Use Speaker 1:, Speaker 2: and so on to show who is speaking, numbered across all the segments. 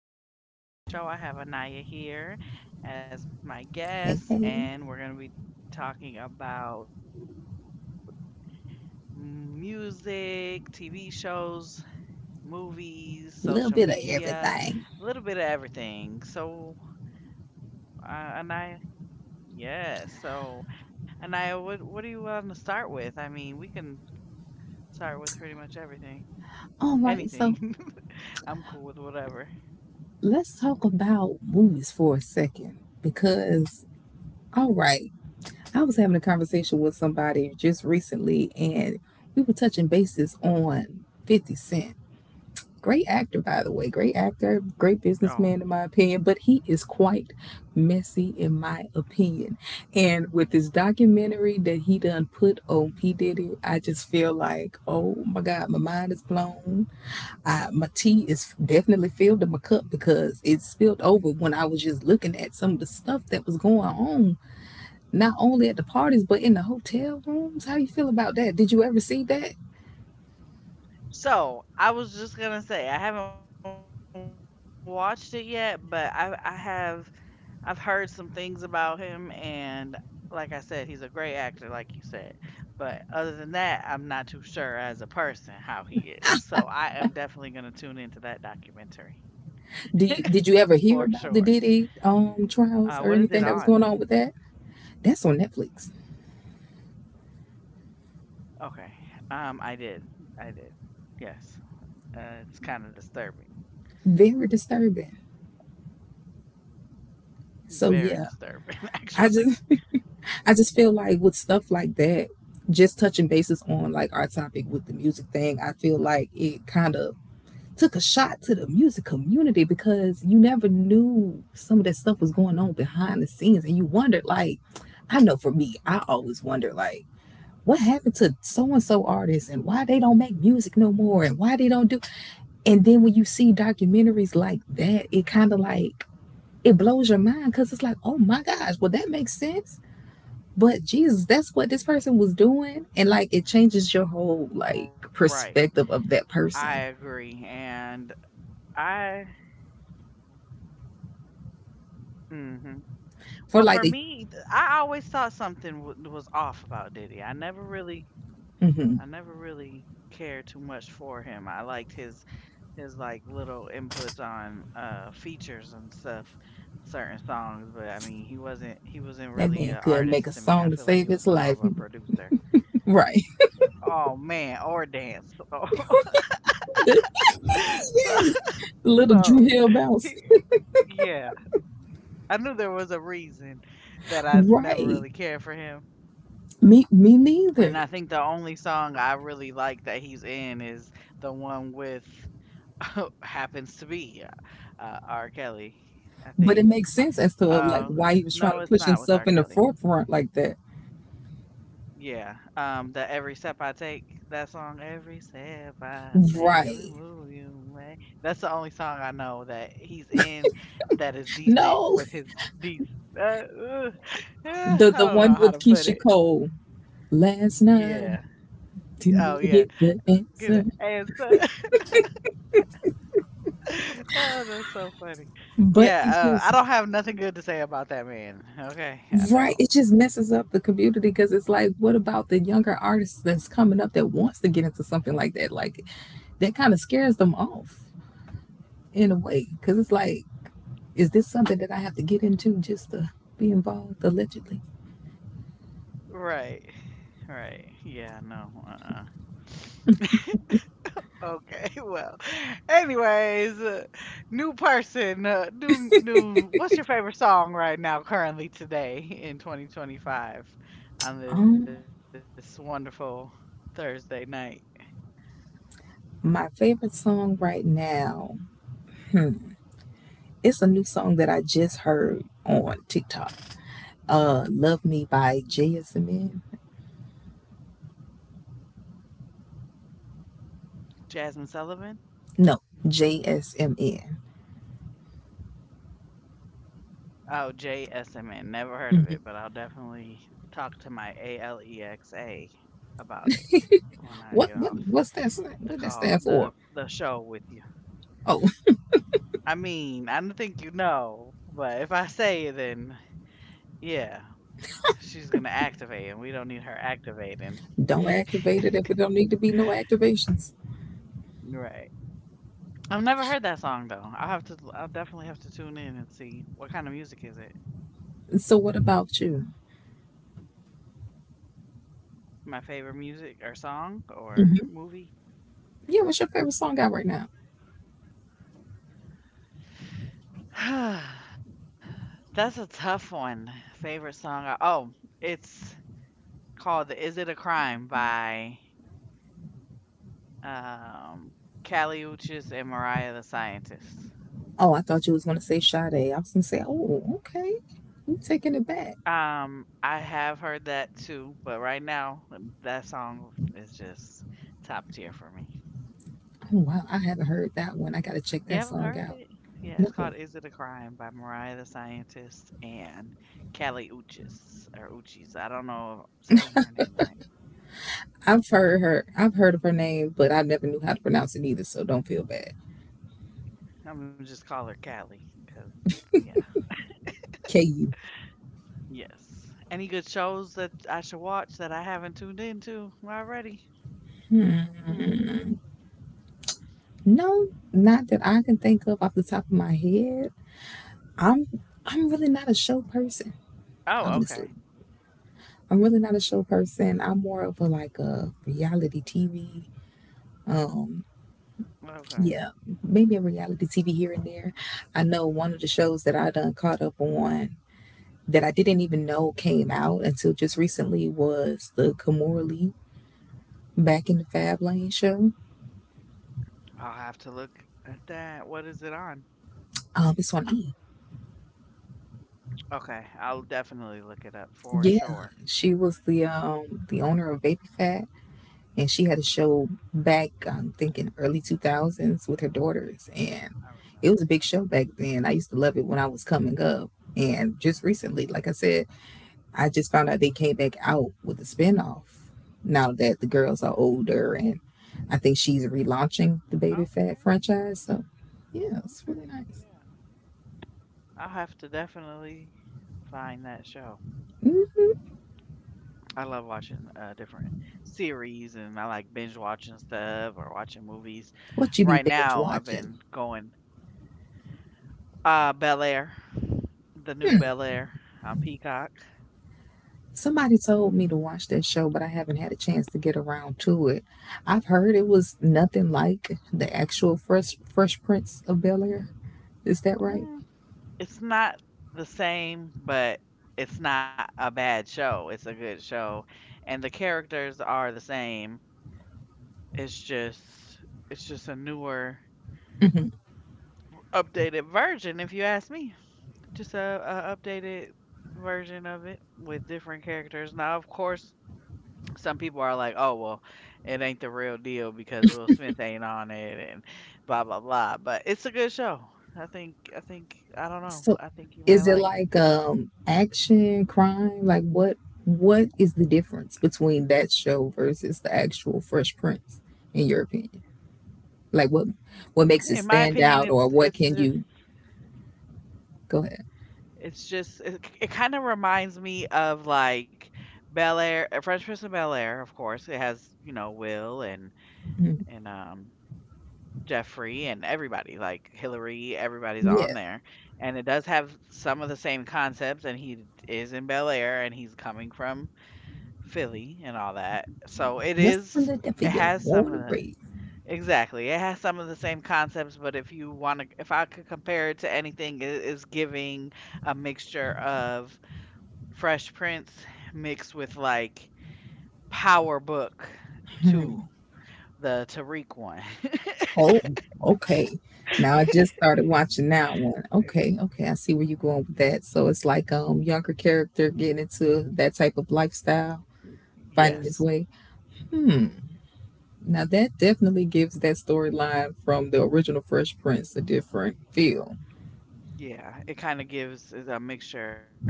Speaker 1: Everyone, welcome to the Brina Show. I have Anaya here as my
Speaker 2: Hey, hey, a
Speaker 1: guest, and we're going to be talking about music, TV shows, movies, social media, a
Speaker 2: little
Speaker 1: little
Speaker 2: bit of
Speaker 1: bit of everything.
Speaker 2: everything.
Speaker 1: So, Anaya, yeah. So, Anaya, what do you want to start with? I mean, we can start with pretty much everything, anything.
Speaker 2: All
Speaker 1: I'm
Speaker 2: right,
Speaker 1: cool
Speaker 2: so
Speaker 1: with whatever.
Speaker 2: let's talk about movies for a second because, all right, I was having a conversation with somebody just recently and we were touching bases on 50 Cent. Great actor, by the way, great actor,
Speaker 1: Oh.
Speaker 2: great businessman, in my opinion, but he is quite messy, in my opinion. And with this documentary that he done put on P. Diddy, I just feel like, oh my God, my mind is blown. I, my tea is definitely filled in my cup because it spilled over when I was just looking at some of the stuff that was going on, not only at the parties but in the hotel rooms. How you feel about that? Did you ever see that?
Speaker 1: So I was just gonna say I haven't watched it yet, but I've heard some things about him, and like I said, he's a great actor, like you said. But other than that, I'm not too sure as a person how he is. So I am definitely going to tune into that documentary
Speaker 2: Do you
Speaker 1: for
Speaker 2: did you ever
Speaker 1: sure.
Speaker 2: hear about the Diddy
Speaker 1: What is it
Speaker 2: trials or
Speaker 1: on?
Speaker 2: anything that was going on with that? That's on Netflix.
Speaker 1: Okay. I did. I did. Yes. It's kind of disturbing.
Speaker 2: Very disturbing. So
Speaker 1: Very
Speaker 2: yeah,
Speaker 1: disturbing,
Speaker 2: I
Speaker 1: actually.
Speaker 2: just I just feel like with stuff like that, just touching bases on like our topic with the music thing, I feel like it kind of took a shot to the music community because you never knew some of that stuff was going on behind the scenes and you wondered like, I know for me, I always wonder like what happened to so and so artists and why they don't make music no more and why they don't do. And then when you see documentaries like that, it kind of like it blows your mind cuz it's like, "Oh my gosh, well that makes sense." But Jesus, that's what this person was doing and like it
Speaker 1: Right.
Speaker 2: changes your whole
Speaker 1: I
Speaker 2: like
Speaker 1: agree.
Speaker 2: perspective
Speaker 1: And
Speaker 2: of that person.
Speaker 1: I. mhm. Well, for me, I always
Speaker 2: For
Speaker 1: thought
Speaker 2: like the
Speaker 1: something was off about Diddy. I never really
Speaker 2: mhm.
Speaker 1: cared too much for him. I liked his like little inputs on features and stuff, certain songs. But I mean, he wasn't really an
Speaker 2: That man
Speaker 1: artist to
Speaker 2: couldn't
Speaker 1: me. I
Speaker 2: make a
Speaker 1: feel like he
Speaker 2: song to
Speaker 1: was
Speaker 2: save
Speaker 1: more of
Speaker 2: his
Speaker 1: a
Speaker 2: life.
Speaker 1: producer.
Speaker 2: Right.
Speaker 1: Oh man, or dance.
Speaker 2: yes. Little
Speaker 1: So,
Speaker 2: Drew Hill
Speaker 1: so,
Speaker 2: Bounce.
Speaker 1: yeah, I knew there was a reason that I never
Speaker 2: Right.
Speaker 1: really cared for him.
Speaker 2: Me
Speaker 1: And
Speaker 2: neither.
Speaker 1: I think the only song I really like that he's in is the one with happens to be R. Kelly, I
Speaker 2: But it
Speaker 1: think.
Speaker 2: makes sense as to like
Speaker 1: Uh,
Speaker 2: why he was trying
Speaker 1: no,
Speaker 2: to
Speaker 1: it's
Speaker 2: push
Speaker 1: not with R.
Speaker 2: himself in the
Speaker 1: Kelly.
Speaker 2: forefront like that.
Speaker 1: Yeah, the every step I take, that song, every step I take, every
Speaker 2: Right.
Speaker 1: move you make. That's the only song I know that he's in that is decent
Speaker 2: No.
Speaker 1: with his deep. Uh, uh, I
Speaker 2: The
Speaker 1: don't know
Speaker 2: one
Speaker 1: how
Speaker 2: with
Speaker 1: to put
Speaker 2: Keisha
Speaker 1: it.
Speaker 2: Cole. Last night
Speaker 1: Yeah.
Speaker 2: didn't
Speaker 1: Oh
Speaker 2: even
Speaker 1: yeah.
Speaker 2: get the
Speaker 1: Give
Speaker 2: answer.
Speaker 1: it answer. oh, that's so funny.
Speaker 2: But it's
Speaker 1: Yeah, I
Speaker 2: just.
Speaker 1: don't have nothing good to say about that man. Okay, I
Speaker 2: Right.
Speaker 1: don't.
Speaker 2: It just messes up the community because it's like, what about the younger artists that's coming up that wants to get into something like that? Like, that kind of scares them off in a way because it's like, is this something that I have to get into just to be involved allegedly?
Speaker 1: Right, right. Yeah, no. Okay. Well. Anyways, new person. New. What's your favorite song right now, currently today in 2025, on
Speaker 2: Um,
Speaker 1: this wonderful Thursday night?
Speaker 2: my favorite song right now, it's a new song that I just heard on TikTok. "Love Me" by JSMN.
Speaker 1: Jasmine Sullivan.
Speaker 2: No, JSMN.
Speaker 1: Oh, JSMN. Never heard of it,
Speaker 2: Mm.
Speaker 1: but I'll definitely talk to my ALEXA about it when I
Speaker 2: What
Speaker 1: get
Speaker 2: what
Speaker 1: off
Speaker 2: what's that?
Speaker 1: the
Speaker 2: What that
Speaker 1: call,
Speaker 2: stand
Speaker 1: the
Speaker 2: for?
Speaker 1: the show with you.
Speaker 2: Oh.
Speaker 1: I mean, I don't think you know, but if I say it, then yeah, she's gonna activate, and we don't need her activating.
Speaker 2: Don't activate it if it don't need to be no activations.
Speaker 1: Right. I've never heard that song though. I'll have to. I'll definitely have to tune in and see what kind of music is it.
Speaker 2: So what about you?
Speaker 1: My favorite music or song
Speaker 2: Hmm.
Speaker 1: or movie.
Speaker 2: Yeah, what's your favorite song out right now?
Speaker 1: That's a tough one. Favorite song? Oh, it's called "Is It a Crime" by um, Kali Uchis and Mariah the Scientist.
Speaker 2: Oh, I thought you was gonna say Sade. I was gonna say, oh, okay, you taking it back.
Speaker 1: I have heard that too, but right now that song is just top tier for me.
Speaker 2: Oh, wow, I haven't heard that one. I gotta check that song
Speaker 1: You haven't
Speaker 2: out.
Speaker 1: heard it?
Speaker 2: No,
Speaker 1: Yeah, it's called "Is It a Crime" by Mariah the Scientist and Kali Uchis or Uchis. I don't know saying her name right.
Speaker 2: I've heard her. I've heard of her name, but I never knew how to pronounce it either. So don't feel bad.
Speaker 1: I'm gonna just call her Callie, cause yeah,
Speaker 2: Ku.
Speaker 1: yes. Any good shows that I should watch that I haven't tuned into already? Hmm.
Speaker 2: No, not that I can think of off the top of my head. I'm I'm really not a show person, honestly.
Speaker 1: Oh, okay,
Speaker 2: I'm really not a show person. I'm more of a like a reality TV. Um,
Speaker 1: okay.
Speaker 2: yeah, maybe a reality TV here and there. I know one of the shows that I done caught up on that I didn't even know came out until just recently was the Kimora Lee Back in the Fab Lane show.
Speaker 1: I'll have to look at that. What is it on?
Speaker 2: It's on E.
Speaker 1: Okay, I'll definitely look it up
Speaker 2: Yeah,
Speaker 1: for sure.
Speaker 2: she was the owner of Baby Fat and she had a show back, I'm thinking early 2000s, with her daughters, and
Speaker 1: I
Speaker 2: it was a big
Speaker 1: remember.
Speaker 2: show back then. I used to love it when I was coming up, and just recently, like I said, I just found out they came back out with a spinoff now that the girls are older, and I think she's relaunching the Baby Fat
Speaker 1: Okay,
Speaker 2: franchise, so yeah, it's really nice.
Speaker 1: okay, yeah. I'll have to definitely find that show.
Speaker 2: Hmm.
Speaker 1: I love watching different series, and I like binge watching stuff or watching movies
Speaker 2: What
Speaker 1: right
Speaker 2: you be
Speaker 1: now
Speaker 2: binge
Speaker 1: I've been
Speaker 2: watching?
Speaker 1: going Uh, Bel Air, the new Bel Air on Peacock.
Speaker 2: Somebody told me to watch that show, but I haven't had a chance to get around to it. I've heard it was nothing like the actual Fresh Prince of Bel Air. Is that right?
Speaker 1: Mm, it's not the same, but it's not a bad show. It's a good show, and the characters are the same. It's just it's just a newer,
Speaker 2: Hmm.
Speaker 1: updated version, if you ask me. Just a updated version of it with different characters. Now, of course, some people are like, oh, well, it ain't the real deal because Will Smith ain't on it and blah, blah, blah. But it's a good show. I don't know.
Speaker 2: So,
Speaker 1: I think you might
Speaker 2: is it
Speaker 1: like it.
Speaker 2: like action, crime? Like what? What is the difference between that show versus the actual Fresh Prince, in your opinion? Like what?
Speaker 1: In
Speaker 2: What
Speaker 1: my
Speaker 2: makes it
Speaker 1: opinion,
Speaker 2: stand out, or what can you go ahead?
Speaker 1: it kind of reminds me of like Bel Air, French Prince of Bel Air, of course. It has, you know, Will and,
Speaker 2: Mhm.
Speaker 1: and, um, Jeffrey and everybody, like Hillary, everybody's
Speaker 2: Yeah,
Speaker 1: on there. And it does have some of the same concepts, and he is in Bel Air and he's coming from Philly and all that. So it
Speaker 2: what's
Speaker 1: is,
Speaker 2: the difference for
Speaker 1: it
Speaker 2: your
Speaker 1: has some of
Speaker 2: water
Speaker 1: the,
Speaker 2: rate?
Speaker 1: exactly, it has some of the same concepts, but if I could compare it to anything, it is giving a mixture of Fresh Prince mixed with like Power Book 2, the Tariq one.
Speaker 2: Oh, okay. Now I just started watching that one. Okay, okay, I see where you're going with that. So it's like younger character getting into that type of lifestyle, finding
Speaker 1: yes.
Speaker 2: his way. Hmm. Now that definitely gives that storyline from the original Fresh Prince a different feel.
Speaker 1: Yeah, it kinda gives is a mixture of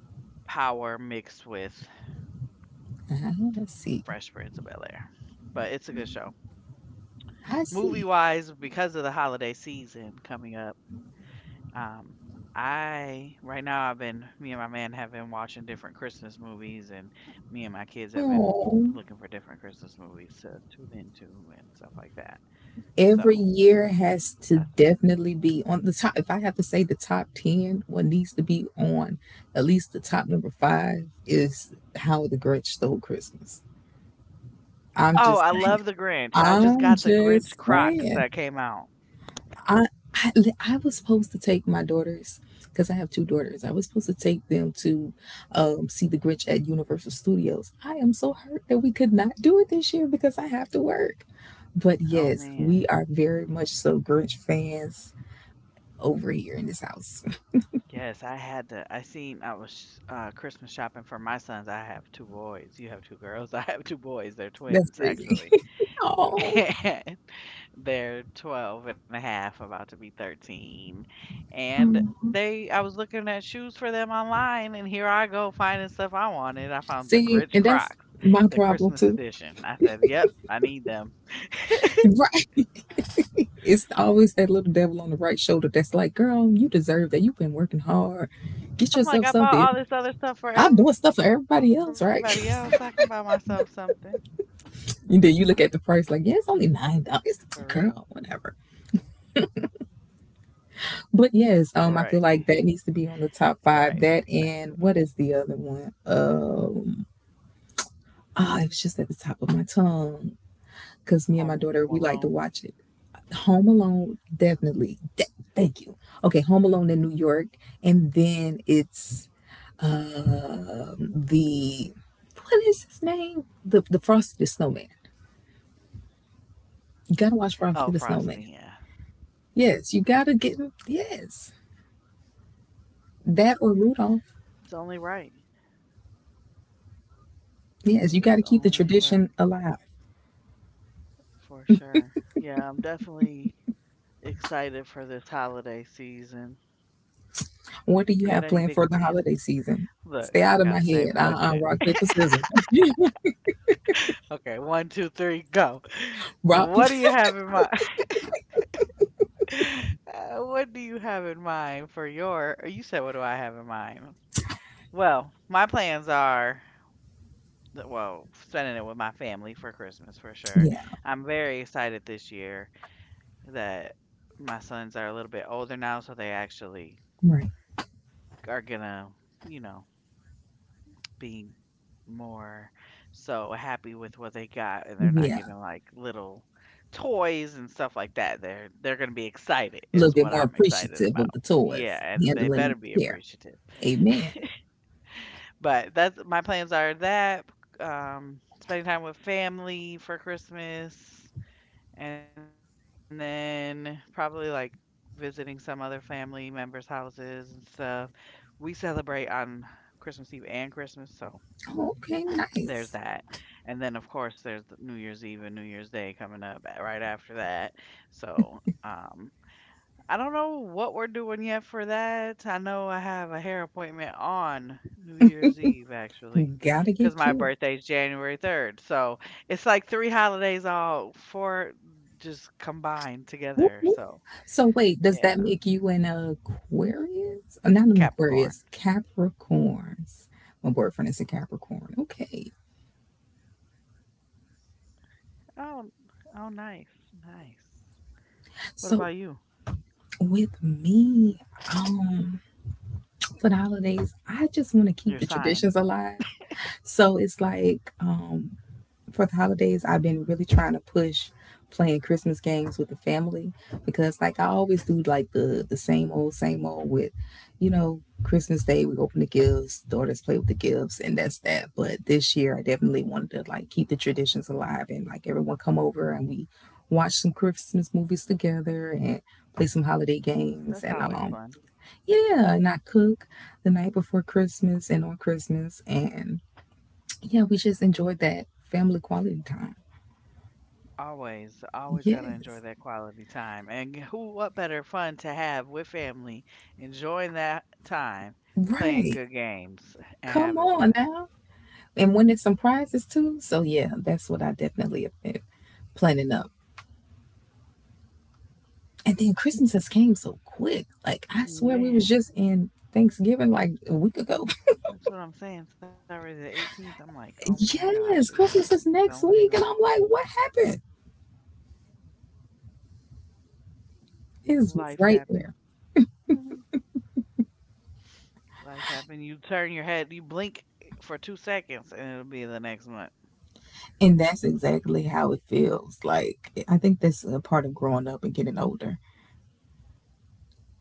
Speaker 1: power mixed with Fresh Prince
Speaker 2: Ah,
Speaker 1: of
Speaker 2: I
Speaker 1: Bel-Air,
Speaker 2: see.
Speaker 1: but it's a good show. Movie-wise,
Speaker 2: I
Speaker 1: because
Speaker 2: see.
Speaker 1: of the holiday season coming up, um, I right now I've been me and my man have been watching different Christmas movies, and me and my kids have been looking for
Speaker 2: Oh.
Speaker 1: different Christmas movies to tune into and stuff like that. So,
Speaker 2: Every year has
Speaker 1: that's
Speaker 2: to definitely be on the top. If I have to say the top 10, what needs to be on at least the top number five is How the Grinch Stole Christmas. I'm
Speaker 1: Oh,
Speaker 2: just
Speaker 1: I
Speaker 2: saying.
Speaker 1: love The Grinch. I just
Speaker 2: I'm
Speaker 1: got The Grinch
Speaker 2: just
Speaker 1: Crocs
Speaker 2: saying.
Speaker 1: that came out.
Speaker 2: I, I, I was supposed to take my daughters, because I have two daughters, I was supposed to take them to see the Grinch at Universal Studios. I am so hurt that we could not do it this year because I have to work. But
Speaker 1: Oh,
Speaker 2: yes, we
Speaker 1: man.
Speaker 2: are very much so Grinch fans over here in this house.
Speaker 1: Yes, I had to. I seen I was Christmas shopping for my sons. I have two boys. You have two girls. I have two boys. They're
Speaker 2: That's
Speaker 1: twins,
Speaker 2: crazy.
Speaker 1: actually.
Speaker 2: Oh,
Speaker 1: They're 12 and a half, about to be 13. And
Speaker 2: um,
Speaker 1: they, I was looking at shoes for them online, and here I go finding stuff I wanted. I found the
Speaker 2: see,
Speaker 1: Grinch
Speaker 2: and that's
Speaker 1: Crocs,
Speaker 2: my
Speaker 1: the
Speaker 2: problem
Speaker 1: Christmas
Speaker 2: too.
Speaker 1: edition. I said, "Yep, I need them."
Speaker 2: Right. It's always that little devil on the right shoulder that's like, girl, you deserve that. You've been working hard. Get
Speaker 1: I'm like,
Speaker 2: yourself
Speaker 1: I bought
Speaker 2: something.
Speaker 1: all this other stuff for
Speaker 2: I'm doing
Speaker 1: everybody
Speaker 2: stuff for
Speaker 1: else. I can
Speaker 2: everybody
Speaker 1: buy
Speaker 2: else, right?
Speaker 1: myself something
Speaker 2: And then you look at the price like, yeah, it's only nine
Speaker 1: for
Speaker 2: dollars.
Speaker 1: real.
Speaker 2: Girl, whatever.
Speaker 1: Right,
Speaker 2: But yes, I feel like that needs to
Speaker 1: right.
Speaker 2: be on the top five. That and what is the other one? Oh, it was just at the top of my tongue
Speaker 1: Home
Speaker 2: because me
Speaker 1: Alone.
Speaker 2: and my daughter we like to watch it. Home Alone, definitely. Thank you. Okay, Home Alone in New York, and then it's the what is his name? The Frosty the Snowman. You gotta
Speaker 1: Oh,
Speaker 2: watch Frosty
Speaker 1: frosting,
Speaker 2: the
Speaker 1: yeah.
Speaker 2: Snowman. Yes, you gotta get him. Yes, that or Rudolph.
Speaker 1: It's only right.
Speaker 2: Yes,
Speaker 1: It
Speaker 2: you
Speaker 1: is
Speaker 2: gotta keep the
Speaker 1: only right
Speaker 2: tradition alive.
Speaker 1: for sure. Yeah, I'm definitely excited for this holiday season.
Speaker 2: What do you
Speaker 1: You got
Speaker 2: have
Speaker 1: any
Speaker 2: planned
Speaker 1: big
Speaker 2: for the
Speaker 1: plans?
Speaker 2: holiday season?
Speaker 1: Look,
Speaker 2: Stay out
Speaker 1: we
Speaker 2: of
Speaker 1: got
Speaker 2: my
Speaker 1: the same
Speaker 2: head.
Speaker 1: question.
Speaker 2: Rock paper scissors.
Speaker 1: Okay, one, two, three, go.
Speaker 2: Rock
Speaker 1: What do
Speaker 2: paper.
Speaker 1: you have in mind? What do you have in mind for your? Or You said, what do I have in mind? Well, well, spending it with my family for Christmas for sure.
Speaker 2: Yeah,
Speaker 1: I'm very excited this year that my sons are a little bit older now, so they actually
Speaker 2: right.
Speaker 1: are gonna, you know, be more so happy with what they got, and they're not
Speaker 2: Yeah, a
Speaker 1: getting like little toys and stuff like that. They're gonna be excited,
Speaker 2: little
Speaker 1: is
Speaker 2: bit
Speaker 1: what
Speaker 2: more
Speaker 1: I'm excited
Speaker 2: appreciative
Speaker 1: about.
Speaker 2: of the
Speaker 1: Yeah,
Speaker 2: toys,
Speaker 1: and they
Speaker 2: handling
Speaker 1: better be
Speaker 2: with care.
Speaker 1: appreciative.
Speaker 2: Amen.
Speaker 1: But that's my plans are that spending time with family for Christmas. And then probably like visiting some other family members' houses and stuff. We celebrate on Christmas Eve and Christmas, so
Speaker 2: Oh, okay,
Speaker 1: there's that.
Speaker 2: nice.
Speaker 1: And then of course there's the New Year's Eve and New Year's Day coming up right after that. So, I don't know what we're doing yet for that. I know I have a hair appointment on New Year's Eve,
Speaker 2: You
Speaker 1: actually,
Speaker 2: gotta
Speaker 1: because
Speaker 2: get
Speaker 1: my
Speaker 2: cute.
Speaker 1: birthday's January 3rd. So it's like three holidays all four just combined
Speaker 2: Whoop,
Speaker 1: together.
Speaker 2: whoop.
Speaker 1: So
Speaker 2: So wait, does
Speaker 1: yeah,
Speaker 2: that make you an Aquarius? Not an
Speaker 1: Capricorn.
Speaker 2: Aquarius, Capricorns. My boyfriend is a Capricorn. Okay.
Speaker 1: Oh, oh, nice, nice. What about you?
Speaker 2: So with me, um, for the holidays,
Speaker 1: Your
Speaker 2: I
Speaker 1: sign.
Speaker 2: just want to keep the traditions alive. So it's like, for the holidays, I've been really trying to push playing Christmas games with the family because, like, I always do like the same old with, you know, Christmas Day we open the gifts, daughters play with the gifts, and that's that. But this year, I definitely wanted to like keep the traditions alive and like everyone come over and we watch some Christmas movies together and play some holiday
Speaker 1: That's
Speaker 2: games, and
Speaker 1: always fun.
Speaker 2: yeah, and I cook the night before Christmas and on Christmas, and yeah, we just enjoyed that family quality time.
Speaker 1: Always, always got to enjoy
Speaker 2: Yes.
Speaker 1: that quality time. And who, what better fun to have with family, enjoying that time, playing
Speaker 2: Right.
Speaker 1: good games and
Speaker 2: Come
Speaker 1: having
Speaker 2: on
Speaker 1: fun.
Speaker 2: now. And winning some prizes too. So yeah, that's what I definitely have been planning up. And then Christmas has came so quick. Like I
Speaker 1: Yeah,
Speaker 2: swear we was just in Thanksgiving like a week ago.
Speaker 1: that's what I'm saying. It's already the 18th. I'm like, oh my gosh, it
Speaker 2: Yes,
Speaker 1: just
Speaker 2: Christmas
Speaker 1: keeps
Speaker 2: is
Speaker 1: going
Speaker 2: next
Speaker 1: and
Speaker 2: week. And I'm like, what happened? It's
Speaker 1: going. Life
Speaker 2: right there.
Speaker 1: happen. Life happen. You turn your head, you blink eh, for 2 seconds, and it'll be the next month.
Speaker 2: And that's exactly how it feels. Like I think that's a part of growing up and getting older.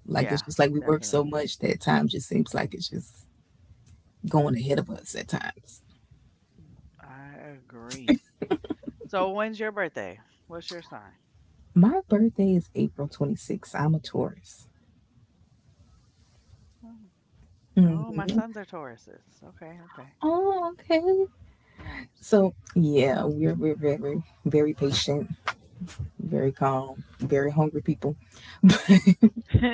Speaker 2: Like it's just
Speaker 1: Yeah,
Speaker 2: like we work so much
Speaker 1: definitely.
Speaker 2: that time just seems like it's just going ahead of us at times.
Speaker 1: I agree. So when's your birthday? What's your sign?
Speaker 2: My birthday is April 26th. I'm a Taurus.
Speaker 1: Oh, my sons are
Speaker 2: Hmm.
Speaker 1: Tauruses. Okay, okay.
Speaker 2: Oh, okay.
Speaker 1: Nice.
Speaker 2: So, yeah, we're very, very patient, very calm, very hungry people.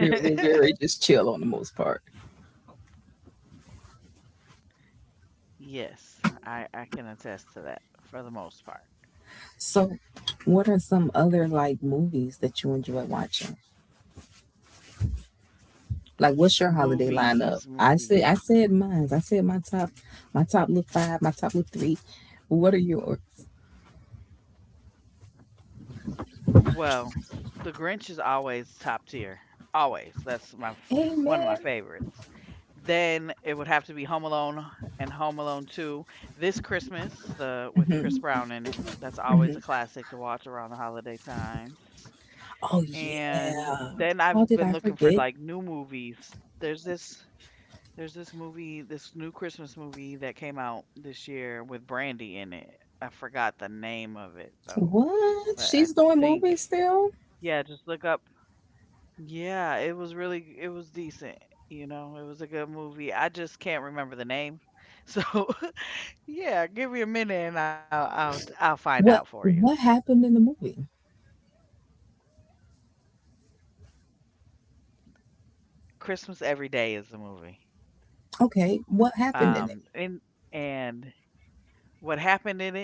Speaker 2: We're very just chill on the most part.
Speaker 1: Yes, I can attest to that for the most part.
Speaker 2: So, what are some other like movies that you enjoy watching? Like, what's your holiday
Speaker 1: Movies,
Speaker 2: lineup?
Speaker 1: movies.
Speaker 2: I said mine. I said my top, My top little five, my top little three. What are yours?
Speaker 1: Well, The Grinch is always top tier. Always. One of my favorites.
Speaker 2: Amen.
Speaker 1: Then it would have to be Home Alone and Home Alone 2. This Christmas, the with Chris Brown in it. That's always a classic to watch around the holiday time.
Speaker 2: Oh,
Speaker 1: And then I've
Speaker 2: yeah.
Speaker 1: been looking
Speaker 2: How did
Speaker 1: for
Speaker 2: I
Speaker 1: like new
Speaker 2: forget?
Speaker 1: movies. There's this there's this movie, this new Christmas movie that came out this year with Brandy in it. I forgot the name of it though, but
Speaker 2: What?
Speaker 1: I
Speaker 2: She's doing
Speaker 1: think
Speaker 2: movies still?
Speaker 1: yeah, just look up. Yeah, it was really it was decent. You know, it was a good movie. I just can't remember the name. So yeah, give me a minute and I'll find out for you.
Speaker 2: What happened in the movie?
Speaker 1: Christmas Every Day is the movie.
Speaker 2: Okay, what happened in
Speaker 1: Um
Speaker 2: it?
Speaker 1: and and what happened in it.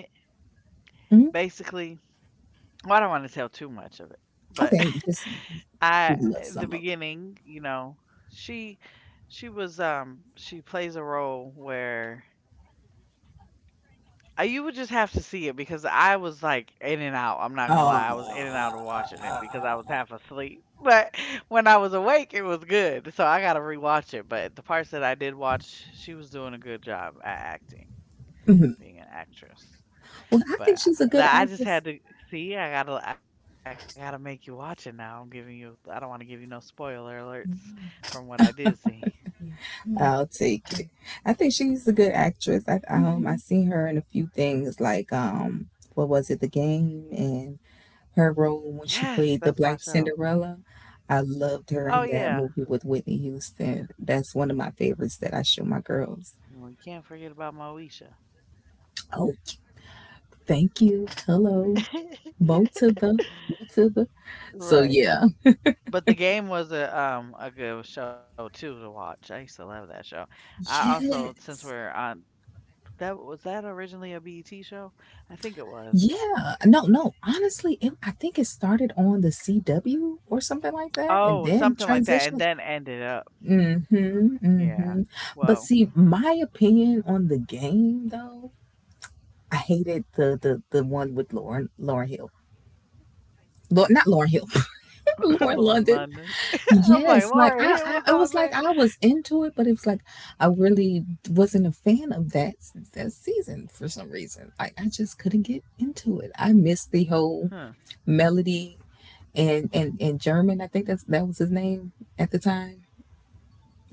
Speaker 2: Hmm.
Speaker 1: Basically, well, I don't want to tell too much of it, but
Speaker 2: Okay, just
Speaker 1: I
Speaker 2: give a little
Speaker 1: the
Speaker 2: sum up.
Speaker 1: beginning, you know, she she was she plays a role where you would just have to see it because I was like in and out. I'm not gonna lie, I was in and
Speaker 2: Oh,
Speaker 1: out of watching it because I was half asleep. But when I was awake, it was good. So I gotta rewatch it. But the parts that I did watch, she was doing a good job at acting,
Speaker 2: mhm.
Speaker 1: being an actress.
Speaker 2: Well, I think
Speaker 1: But
Speaker 2: she's a good
Speaker 1: I just
Speaker 2: actress.
Speaker 1: had to see, I gotta make you watch it now. I'm giving you I don't wanna give you no spoiler alerts from what I did see.
Speaker 2: I'll take it. I think she's a good actress. I seen her in a few things like what was it, The Game, and her role when she
Speaker 1: Yes,
Speaker 2: played the
Speaker 1: that's
Speaker 2: Black
Speaker 1: my show.
Speaker 2: Cinderella. I loved her in
Speaker 1: Oh
Speaker 2: that
Speaker 1: yeah.
Speaker 2: movie with Whitney Houston. That's one of my favorites that I show my girls.
Speaker 1: And we can't forget about Moesha.
Speaker 2: Oh, thank you. Hello. Bo to the, you to the. So, yeah.
Speaker 1: Right. But the game was a good show too to watch. I used to love that show. I also since
Speaker 2: Yes.
Speaker 1: we're on that was that originally a BET show? I think it was.
Speaker 2: Yeah. No, no, honestly, I think it started on the CW or something like that and
Speaker 1: Oh,
Speaker 2: then
Speaker 1: something like that and
Speaker 2: transitioned.
Speaker 1: then ended up.
Speaker 2: Mm-hmm. Mm-hmm.
Speaker 1: Yeah.
Speaker 2: But
Speaker 1: Well,
Speaker 2: see, my opinion on the game, though, I hated the one with Lauren Hill. Lord, not Lauren Hill, Lauren
Speaker 1: Lauren
Speaker 2: London.
Speaker 1: London. I'm like,
Speaker 2: Yes, like
Speaker 1: Lauren Hill was
Speaker 2: it
Speaker 1: on
Speaker 2: was like
Speaker 1: there.
Speaker 2: I was into it, but it was like I really wasn't a fan of that season for some reason. I just couldn't get into it. I
Speaker 1: Huh.
Speaker 2: missed the whole melody and and German. I think that was his name at the time,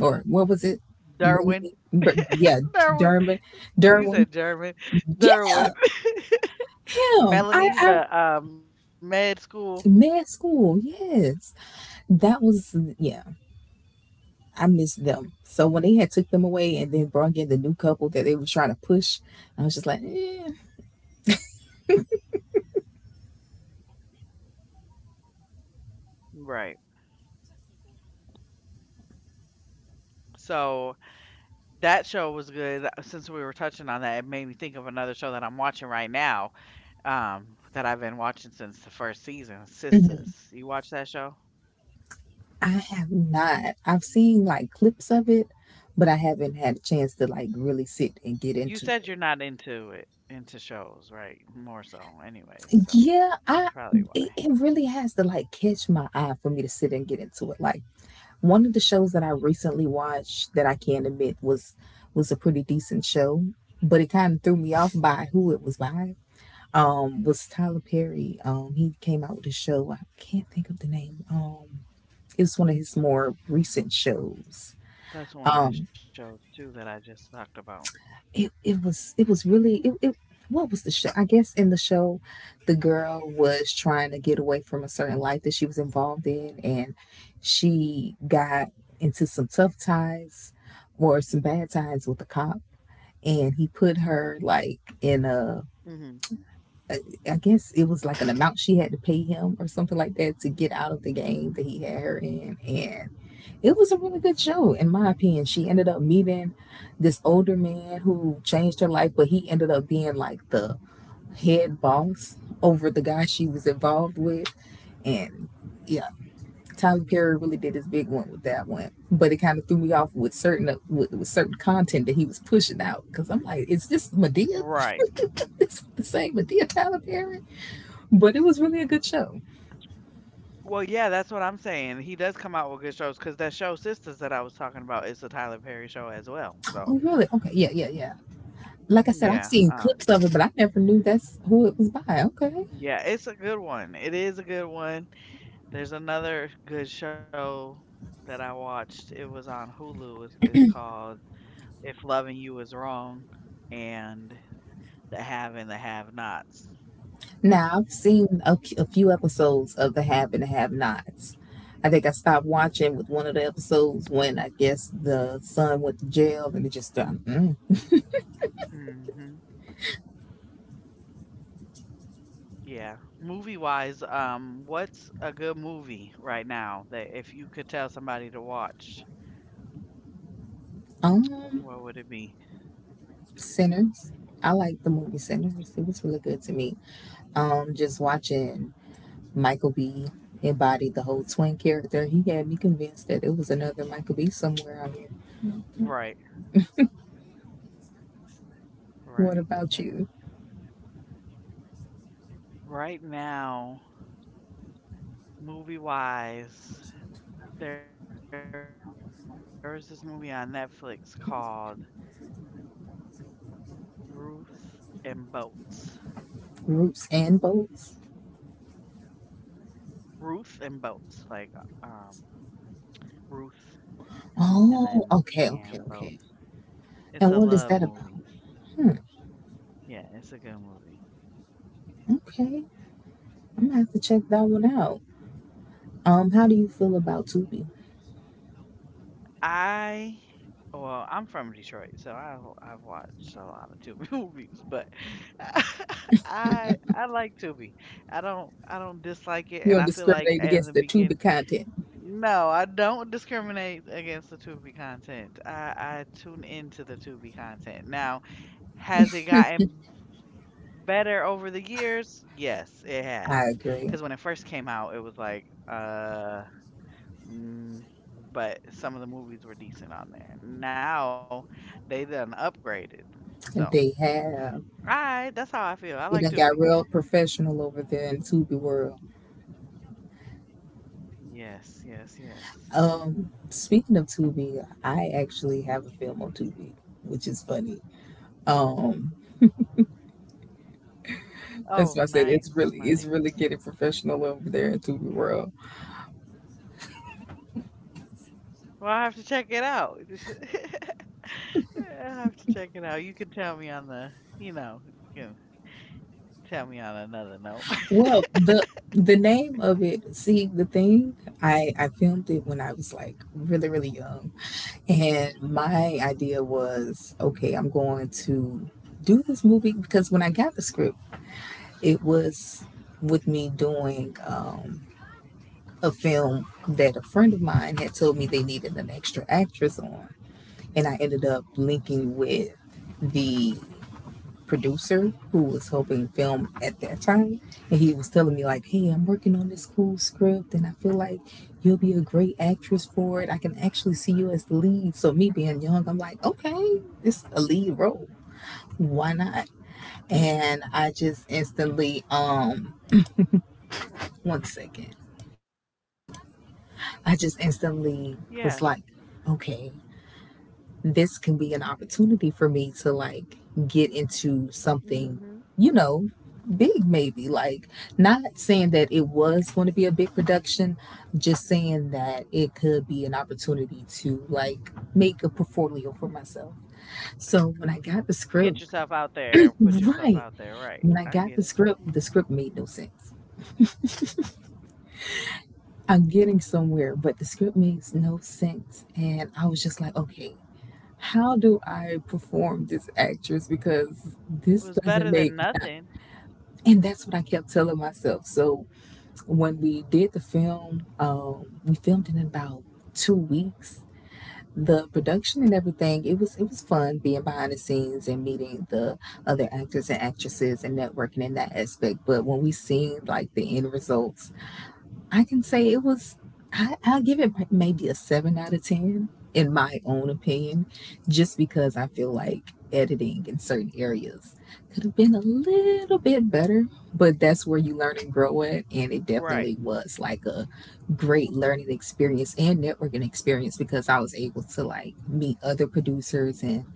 Speaker 2: or what was it?
Speaker 1: Derwin.
Speaker 2: Yeah,
Speaker 1: You said
Speaker 2: Derwin,
Speaker 1: German.
Speaker 2: Derwin,
Speaker 1: Derwin.
Speaker 2: yeah,
Speaker 1: Melanie, the
Speaker 2: him. I, I,
Speaker 1: med school.
Speaker 2: mad school, yes, that was yeah. I missed them. So when they had took them away and then brought in the new couple that they were trying to push, I was just like, eh.
Speaker 1: Right. So that show was good. Since we were touching on that, it made me think of another show that I'm watching right now that I've been watching since the first season,
Speaker 2: Mhm.
Speaker 1: Sisters. You watch that show?
Speaker 2: I have not. I've seen like clips of it, but I haven't had a chance to like really sit and get into it.
Speaker 1: You said you're not into it, into shows, right? More so, anyways.
Speaker 2: Yeah,
Speaker 1: So
Speaker 2: I
Speaker 1: that's
Speaker 2: it,
Speaker 1: probably
Speaker 2: it
Speaker 1: what.
Speaker 2: really has to like catch my eye for me to sit and get into it. Like one of the shows that I recently watched that I can not admit was a pretty decent show, but it kind of threw me off by who it was by was Tyler Perry. He came out with a show. I can't think of the name. Um, it was one of his more recent shows.
Speaker 1: That's
Speaker 2: Um,
Speaker 1: one of his shows too that I just talked about.
Speaker 2: it, it was really it, it what was the show? I guess in the show the girl was trying to get away from a certain life that she was involved in, and she got into some tough ties or some bad ties with the cop, and he put her like in a,
Speaker 1: Mhm.
Speaker 2: I guess it was like an amount she had to pay him or something like that to get out of the game that he had her in. And it was a really good show, in my opinion. She ended up meeting this older man who changed her life, but he ended up being like the head boss over the guy she was involved with. And yeah, Tyler Perry really did his big one with that one, but it kind of threw me off with certain with certain content that he was pushing out because I'm like, is this Medea?
Speaker 1: Right.
Speaker 2: This the same Medea Tyler Perry? But it was really a good show.
Speaker 1: Well, yeah, that's what I'm saying. He does come out with good shows. Cause that show Sisters that I was talking about is a Tyler Perry show as well.
Speaker 2: Oh,
Speaker 1: So,
Speaker 2: really? Okay. Yeah, yeah, yeah. Like I said, I've
Speaker 1: yeah,
Speaker 2: seen clips of it, but I never knew that's who it was by. Okay.
Speaker 1: yeah, it's a good one. It is a good one. There's another good show that I watched. It was on Hulu. It's called If Loving You Is Wrong and and the Have Nots.
Speaker 2: Now, I've seen a few episodes of The Have and the Have Nots. I think I stopped watching with one of the episodes when I guess the son went to jail and it just done. Mm.
Speaker 1: Hmm. Yeah. Movie wise, what's a good movie right now that if you could tell somebody to watch?
Speaker 2: Um,
Speaker 1: What would it be?
Speaker 2: Sinners. I like the movie Sinners. It was really good to me. Just watching Michael B. embody the whole twin character. He had me convinced that it was another Michael B. somewhere out here.
Speaker 1: Right,
Speaker 2: What
Speaker 1: right.
Speaker 2: about
Speaker 1: But
Speaker 2: you?
Speaker 1: right now, movie wise, there is this movie on Netflix called Ruth and Boats.
Speaker 2: Roots and bolts?
Speaker 1: Ruth and Boats, like Ruth and then
Speaker 2: Oh, okay,
Speaker 1: and
Speaker 2: okay,
Speaker 1: Boats.
Speaker 2: okay.
Speaker 1: It's a
Speaker 2: And what is
Speaker 1: love
Speaker 2: that about?
Speaker 1: movie. Yeah, it's a good movie.
Speaker 2: Okay, I'm gonna have to check that one out. How do you feel about Tubi?
Speaker 1: I well, I'm from Detroit, so I've watched a lot of Tubi movies, but I like Tubi. I don't dislike it,
Speaker 2: You
Speaker 1: and
Speaker 2: don't
Speaker 1: I feel like
Speaker 2: discriminate
Speaker 1: in
Speaker 2: against
Speaker 1: the
Speaker 2: the Tubi
Speaker 1: beginning,
Speaker 2: content.
Speaker 1: no, I don't discriminate against the Tubi content. I tune into the Tubi content. Now, has it gotten better over the years? Yes, it has. Because when it first
Speaker 2: I
Speaker 1: came
Speaker 2: agree.
Speaker 1: out, it was like. Uh. Mm, but some of the movies were decent on there. Now they done upgraded. So,
Speaker 2: They
Speaker 1: right,
Speaker 2: have.
Speaker 1: that's how I feel. I like to.
Speaker 2: It done got real professional over there in Tubi world.
Speaker 1: Yes, yes, yes.
Speaker 2: Speaking of Tubi, I actually have a film on Tubi, which is funny. Um,
Speaker 1: Oh, nice,
Speaker 2: that's why I said it's
Speaker 1: nice.
Speaker 2: really getting professional over there in Tubi world.
Speaker 1: Well, I have to check it out. I have to check it out. You can tell me on the, you know, you know, tell me on another note.
Speaker 2: Well, the name of it, see the thing, I filmed it when I was like really young, and my idea was, okay, I'm going to do this movie because when I got the script, it was with me doing a film that a friend of mine had told me they needed an extra actress on, and I ended up linking with the producer who was helping film at that time, and he was telling me like, hey, I'm working on this cool script and I feel like you'll be a great actress for it. I can actually see you as the lead. So me being young, I'm like, okay, it's a lead role, why not? And I just instantly one second, I just instantly
Speaker 1: yeah.
Speaker 2: was like, okay, this can be an opportunity for me to like get into something,
Speaker 1: Hmm.
Speaker 2: you know, big maybe. Like, not saying that it was going to be a big production, just saying that it could be an opportunity to like make a portfolio for myself. So when I got the
Speaker 1: Get
Speaker 2: script,
Speaker 1: yourself out there. Put yourself out
Speaker 2: right,
Speaker 1: there. Right.
Speaker 2: when
Speaker 1: I
Speaker 2: I
Speaker 1: get
Speaker 2: got
Speaker 1: it. Hmm.
Speaker 2: the script made no sense. I'm getting somewhere, but the script makes no sense. And I was just like, okay, how do I perform this actress?
Speaker 1: It was
Speaker 2: Because
Speaker 1: better than
Speaker 2: this
Speaker 1: nothing.
Speaker 2: doesn't make, and that's what I kept telling myself. So when we did the film, we filmed it in about 2 weeks. The production and everything, it was fun being behind the scenes and meeting the other actors and actresses and networking in that aspect. But when we seen like the end results, I can say it was, I'll give it maybe a seven out of 10, in my own opinion, just because I feel like editing in certain areas could have been a little bit better, but that's where you learn and grow at. And it
Speaker 1: Right.
Speaker 2: definitely was like a great learning experience and networking experience because I was able to like meet other producers and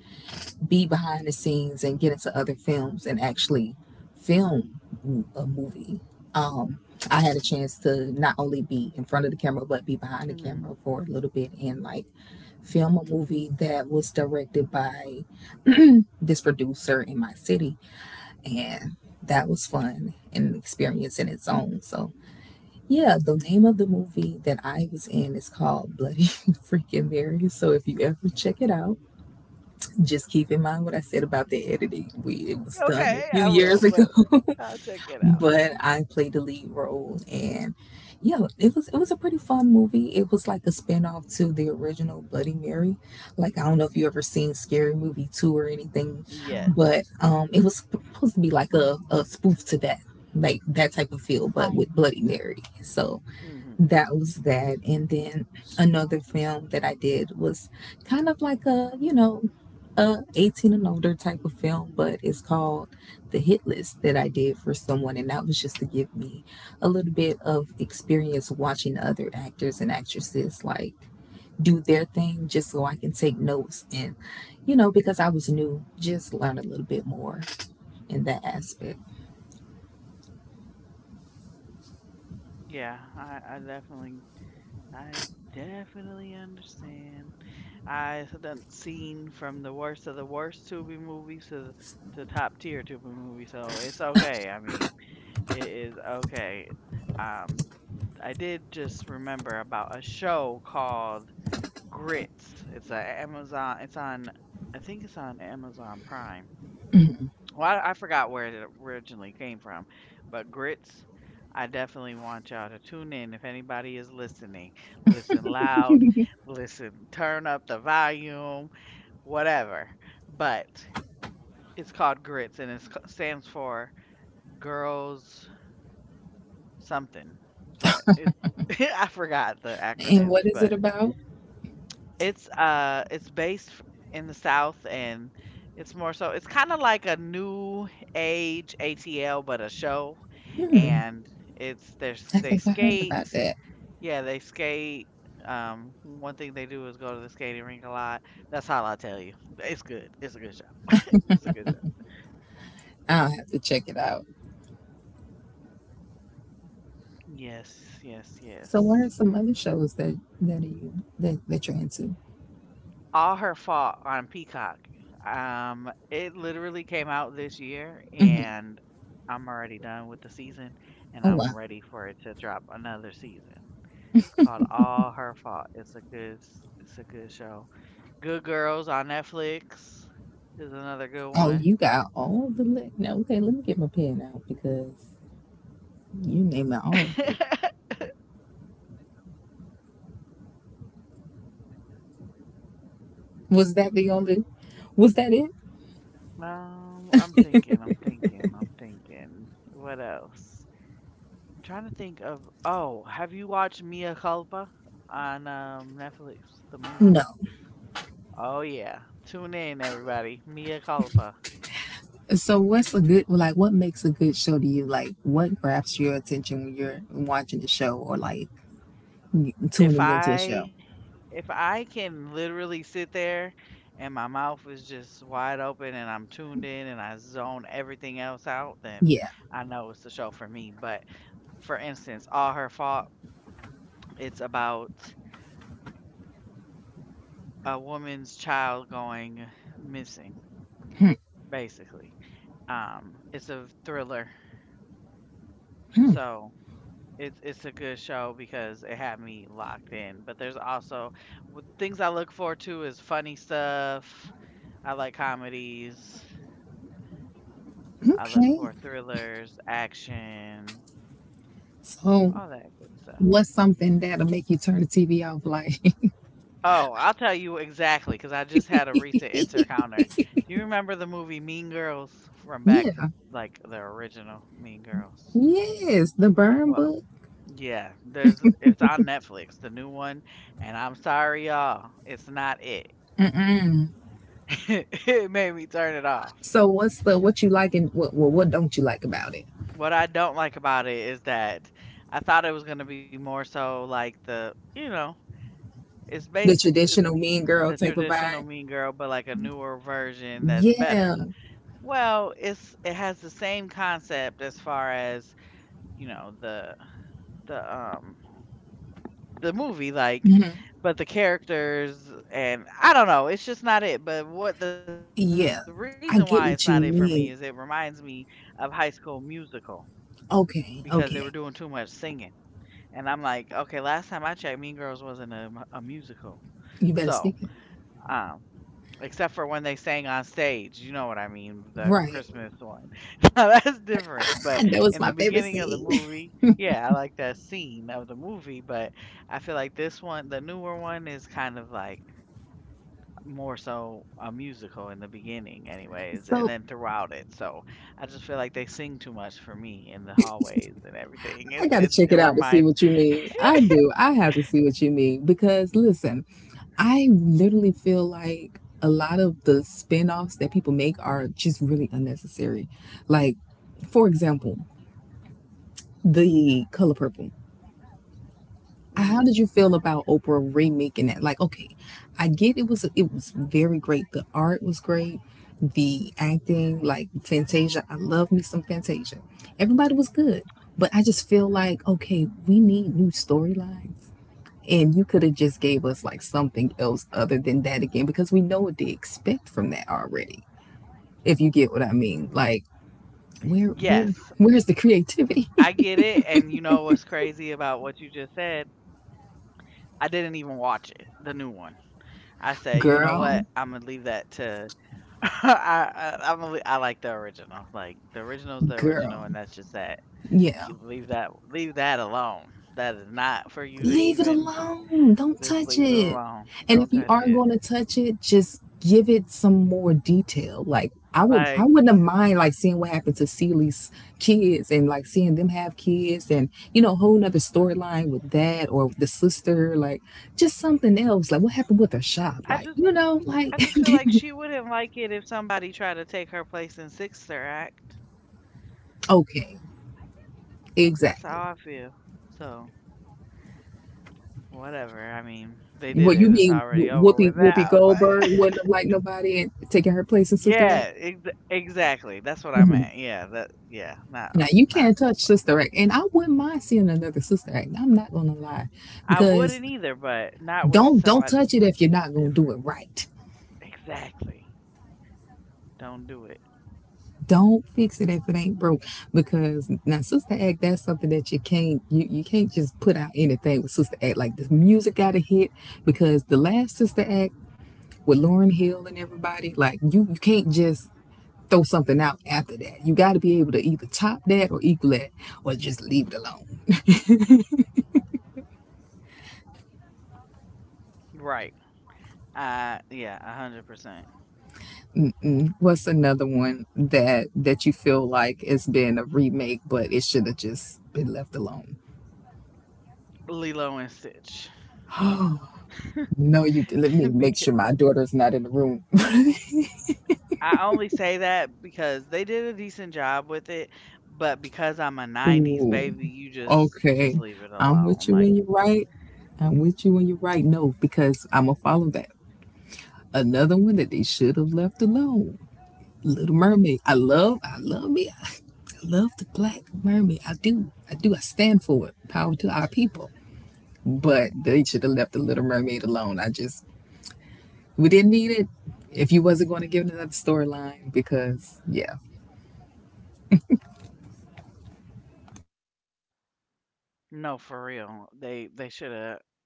Speaker 2: be behind the scenes and get into other films and actually film a movie. Um, I had a chance to not only be in front of the camera but be behind the
Speaker 1: Hmm.
Speaker 2: camera for a little bit and like film a movie that was directed by this producer in my city, and that was fun and an experience in its own. So yeah, the name of the movie that I was in is called Bloody Freaking Mary. So if you ever check it out, just keep in mind what I said about the editing. We it was done a
Speaker 1: Okay,
Speaker 2: few
Speaker 1: I
Speaker 2: years
Speaker 1: will,
Speaker 2: ago,
Speaker 1: but I'll check it out.
Speaker 2: but I played the lead role, and yeah, it was a pretty fun movie. It was like a spinoff to the original Bloody Mary. Like I don't know if you ever seen Scary Movie two or anything,
Speaker 1: Yes.
Speaker 2: but it was supposed to be like a spoof to that, like that type of feel, but with Bloody Mary. So
Speaker 1: Hmm.
Speaker 2: that was that, and then another film that I did was kind of like a, you know, a 18 and older type of film, but it's called The Hit List that I did for someone, and that was just to give me a little bit of experience watching other actors and actresses like do their thing just so I can take notes and, you know, because I was new, just learn a little bit more in that aspect.
Speaker 1: Yeah, I definitely, I definitely understand. I have done seen from the worst of the worst Tubi movies to the top tier Tubi movie, so it's okay. I mean, it is okay. Um, I did just remember about a show called Grits. It's a Amazon. It's on. I think it's on Amazon Prime. Well, I forgot where it originally came from, but grits. I definitely want y'all to tune in if anybody is listening. Listen loud, listen, turn up the volume, whatever. But it's called grits and it stands for girls something. But it, I forgot the
Speaker 2: And
Speaker 1: acronyms,
Speaker 2: what is it
Speaker 1: but
Speaker 2: about?
Speaker 1: it's it's based f- in the South and it's more so it's kind of like a new age ATL but a show
Speaker 2: Hmm,
Speaker 1: and it's there's
Speaker 2: I
Speaker 1: they
Speaker 2: think I heard about
Speaker 1: skate.
Speaker 2: that.
Speaker 1: Yeah, they skate. One thing they do is go to the skating rink a lot. That's all I tell you. It's good. It's a good show. It's a good
Speaker 2: I'll have to check it out.
Speaker 1: show. Yes, yes,
Speaker 2: So what
Speaker 1: yes.
Speaker 2: are some other shows that, that you're into?
Speaker 1: All her fault on Peacock. It literally came out this year,
Speaker 2: Hmm.
Speaker 1: and I'm already done with the season, and
Speaker 2: Oh wow.
Speaker 1: I'm ready for it to drop another season. It's called All Her Fault. It's a good, s- it's a good show. Good Girls on Netflix is another good
Speaker 2: Oh,
Speaker 1: one.
Speaker 2: you got all the li- now. Okay, let me get my pen out because you name it all. Of them. Was that the only? Was that it?
Speaker 1: I'm thinking, I'm thinking, I'm thinking. What else? I'm trying to think of. Oh, have you watched Mia Culpa on Netflix? The movie.
Speaker 2: No.
Speaker 1: Oh yeah. Tune in everybody. Mia culpa.
Speaker 2: So what's a good like? What makes a good show to you? Like what grabs your attention when you're watching the show or like
Speaker 1: If
Speaker 2: tuning into a show?
Speaker 1: I if I can literally sit there and my mouth is just wide open and I'm tuned in and I zone everything else out, then
Speaker 2: Yeah.
Speaker 1: I know it's the show for me. But for instance, all her fault, it's about a woman's child going missing,
Speaker 2: Hmm,
Speaker 1: basically. It's a thriller.
Speaker 2: hmm.
Speaker 1: So It's a good show because it had me locked in. But there's also w- things I look forward to is funny stuff. I like comedies. I look
Speaker 2: Okay.
Speaker 1: for thrillers, action,
Speaker 2: So
Speaker 1: all that good stuff.
Speaker 2: what's something that'll make you turn the TV off? Like
Speaker 1: Oh, I'll tell you exactly because I just had a recent encounter. Do you remember the movie Mean Girls from back,
Speaker 2: yeah,
Speaker 1: like the original Mean Girls?
Speaker 2: yes, the burn
Speaker 1: Well,
Speaker 2: book.
Speaker 1: yeah, there's it's on Netflix, the new one, and I'm sorry, y'all, it's not it. It made me turn it off.
Speaker 2: So what's the, what you like, and what don't you like about it?
Speaker 1: What I don't like about it is that I thought it was going to be more so like the, you know,
Speaker 2: The
Speaker 1: it's
Speaker 2: traditional mean
Speaker 1: the
Speaker 2: girl type of
Speaker 1: traditional
Speaker 2: vibe.
Speaker 1: Mean Girl, but like a newer version that's better.
Speaker 2: Yeah,
Speaker 1: Well, it's it has the same concept as far as you know the um the movie like, but the characters and I don't know. It's just not it. But what the reason why it's
Speaker 2: yeah.
Speaker 1: not it for
Speaker 2: I
Speaker 1: me is
Speaker 2: get
Speaker 1: it
Speaker 2: what you
Speaker 1: reminds me
Speaker 2: mean.
Speaker 1: of High School Musical because they were doing
Speaker 2: Okay,
Speaker 1: too much
Speaker 2: okay.
Speaker 1: singing. And I'm like, okay, last time I checked, Mean Girls wasn't a, mu- a musical.
Speaker 2: You
Speaker 1: So,
Speaker 2: better speak it.
Speaker 1: um, except for when they sang on stage, you know what I mean, the
Speaker 2: Right.
Speaker 1: Christmas one. Now that's different. But
Speaker 2: That was
Speaker 1: in the
Speaker 2: my favorite
Speaker 1: beginning of the
Speaker 2: scene.
Speaker 1: movie, yeah, I like that scene of the movie. But I feel like this one, the newer one, is kind of like more so a musical in the beginning anyways and
Speaker 2: So
Speaker 1: then throughout it so I just feel like they sing too much for me in the hallways and everything
Speaker 2: I
Speaker 1: it's
Speaker 2: gotta
Speaker 1: it,
Speaker 2: check
Speaker 1: it
Speaker 2: it out to see
Speaker 1: reminds
Speaker 2: what you mean. I do. I have to see what you mean because listen, I literally feel like a lot of the spin-offs that people make are just really unnecessary. Like, for example, the color purple. How did
Speaker 1: hmm.
Speaker 2: you feel about Oprah remaking that? Like, okay, I get it, was it was very great. The art was great. The acting, like Fantasia, I love me some Fantasia. Everybody was good, but I just feel like, okay, we need new storylines, and you could have just gave us like something else other than that again because we know what they expect from that already. If you get what I mean, like where
Speaker 1: Yes, I
Speaker 2: where's the
Speaker 1: get it, and
Speaker 2: creativity,
Speaker 1: you know what's crazy about what you just said, I didn't even watch it, the new one. I said, you know what, I'm gonna
Speaker 2: girl,
Speaker 1: leave that to I, I'm gonna, le- I like the original, like the original's the original and
Speaker 2: girl,
Speaker 1: that's just that.
Speaker 2: yeah.
Speaker 1: Keep- leave that alone. That is not for you to
Speaker 2: Leave it
Speaker 1: even
Speaker 2: alone. Don't
Speaker 1: just
Speaker 2: touch
Speaker 1: leave it
Speaker 2: it.
Speaker 1: alone.
Speaker 2: And if
Speaker 1: Don't
Speaker 2: you
Speaker 1: touch
Speaker 2: are
Speaker 1: it.
Speaker 2: going to touch it, just give it some more detail. Like I would, I
Speaker 1: Like
Speaker 2: wouldn't have mind like seeing what happened to Celie's kids and like seeing them have kids and a whole nother storyline with that or with the sister. Like just something else. Like what happened with her shop?
Speaker 1: I just I just feel like she wouldn't like it if somebody tried to take her place in Sixer Act.
Speaker 2: Okay,
Speaker 1: That's
Speaker 2: exactly.
Speaker 1: how I feel. So whatever. I mean, they did
Speaker 2: What
Speaker 1: it.
Speaker 2: you
Speaker 1: It's
Speaker 2: mean?
Speaker 1: already over with
Speaker 2: Whoopi
Speaker 1: now.
Speaker 2: Whoopi
Speaker 1: But
Speaker 2: Goldberg wouldn't have liked nobody and taking her place in Sister Act?
Speaker 1: yeah, ex- exactly. That's what I meant. Yeah, that yeah.
Speaker 2: Now
Speaker 1: Not
Speaker 2: you
Speaker 1: not.
Speaker 2: can't touch Sister Act, and I wouldn't mind seeing another Sister Act. I'm not gonna lie,
Speaker 1: I
Speaker 2: because
Speaker 1: wouldn't either, but not with
Speaker 2: don't
Speaker 1: somebody
Speaker 2: touch it if you're not gonna do
Speaker 1: different.
Speaker 2: it right.
Speaker 1: Exactly. Don't do it.
Speaker 2: Don't fix it if it ain't broke, because now Sister Act, that's something that you can't you you can't just put out anything with Sister Act like this music got to hit because the last Sister Act with Lauren Hill and everybody, like you can't just throw something out after that. You got to be able to either top that or equal that or just leave it alone.
Speaker 1: Right. Yeah, 100%.
Speaker 2: What's another one that you feel like it's been a remake, but it should have just been left alone?
Speaker 1: Lilo and Stitch.
Speaker 2: No, you. Let me make
Speaker 1: because
Speaker 2: sure my daughter's not in the room.
Speaker 1: I only say that because they did a decent job with it, but because I'm a '90s
Speaker 2: Ooh,
Speaker 1: baby, you just
Speaker 2: okay.
Speaker 1: leave it
Speaker 2: I'm with
Speaker 1: alone.
Speaker 2: you
Speaker 1: Like,
Speaker 2: when you're right. I'm with you when you're right. No, because I'm gonna follow that. Another one that they should have left alone. Little Mermaid. I love. I love me. I love the Black Mermaid. I do. I do. I stand for it. Power to our people. But
Speaker 1: right?
Speaker 2: they should have left the Little Mermaid alone. I just we didn't need it if you wasn't going to give another storyline because yeah.
Speaker 1: No, for real.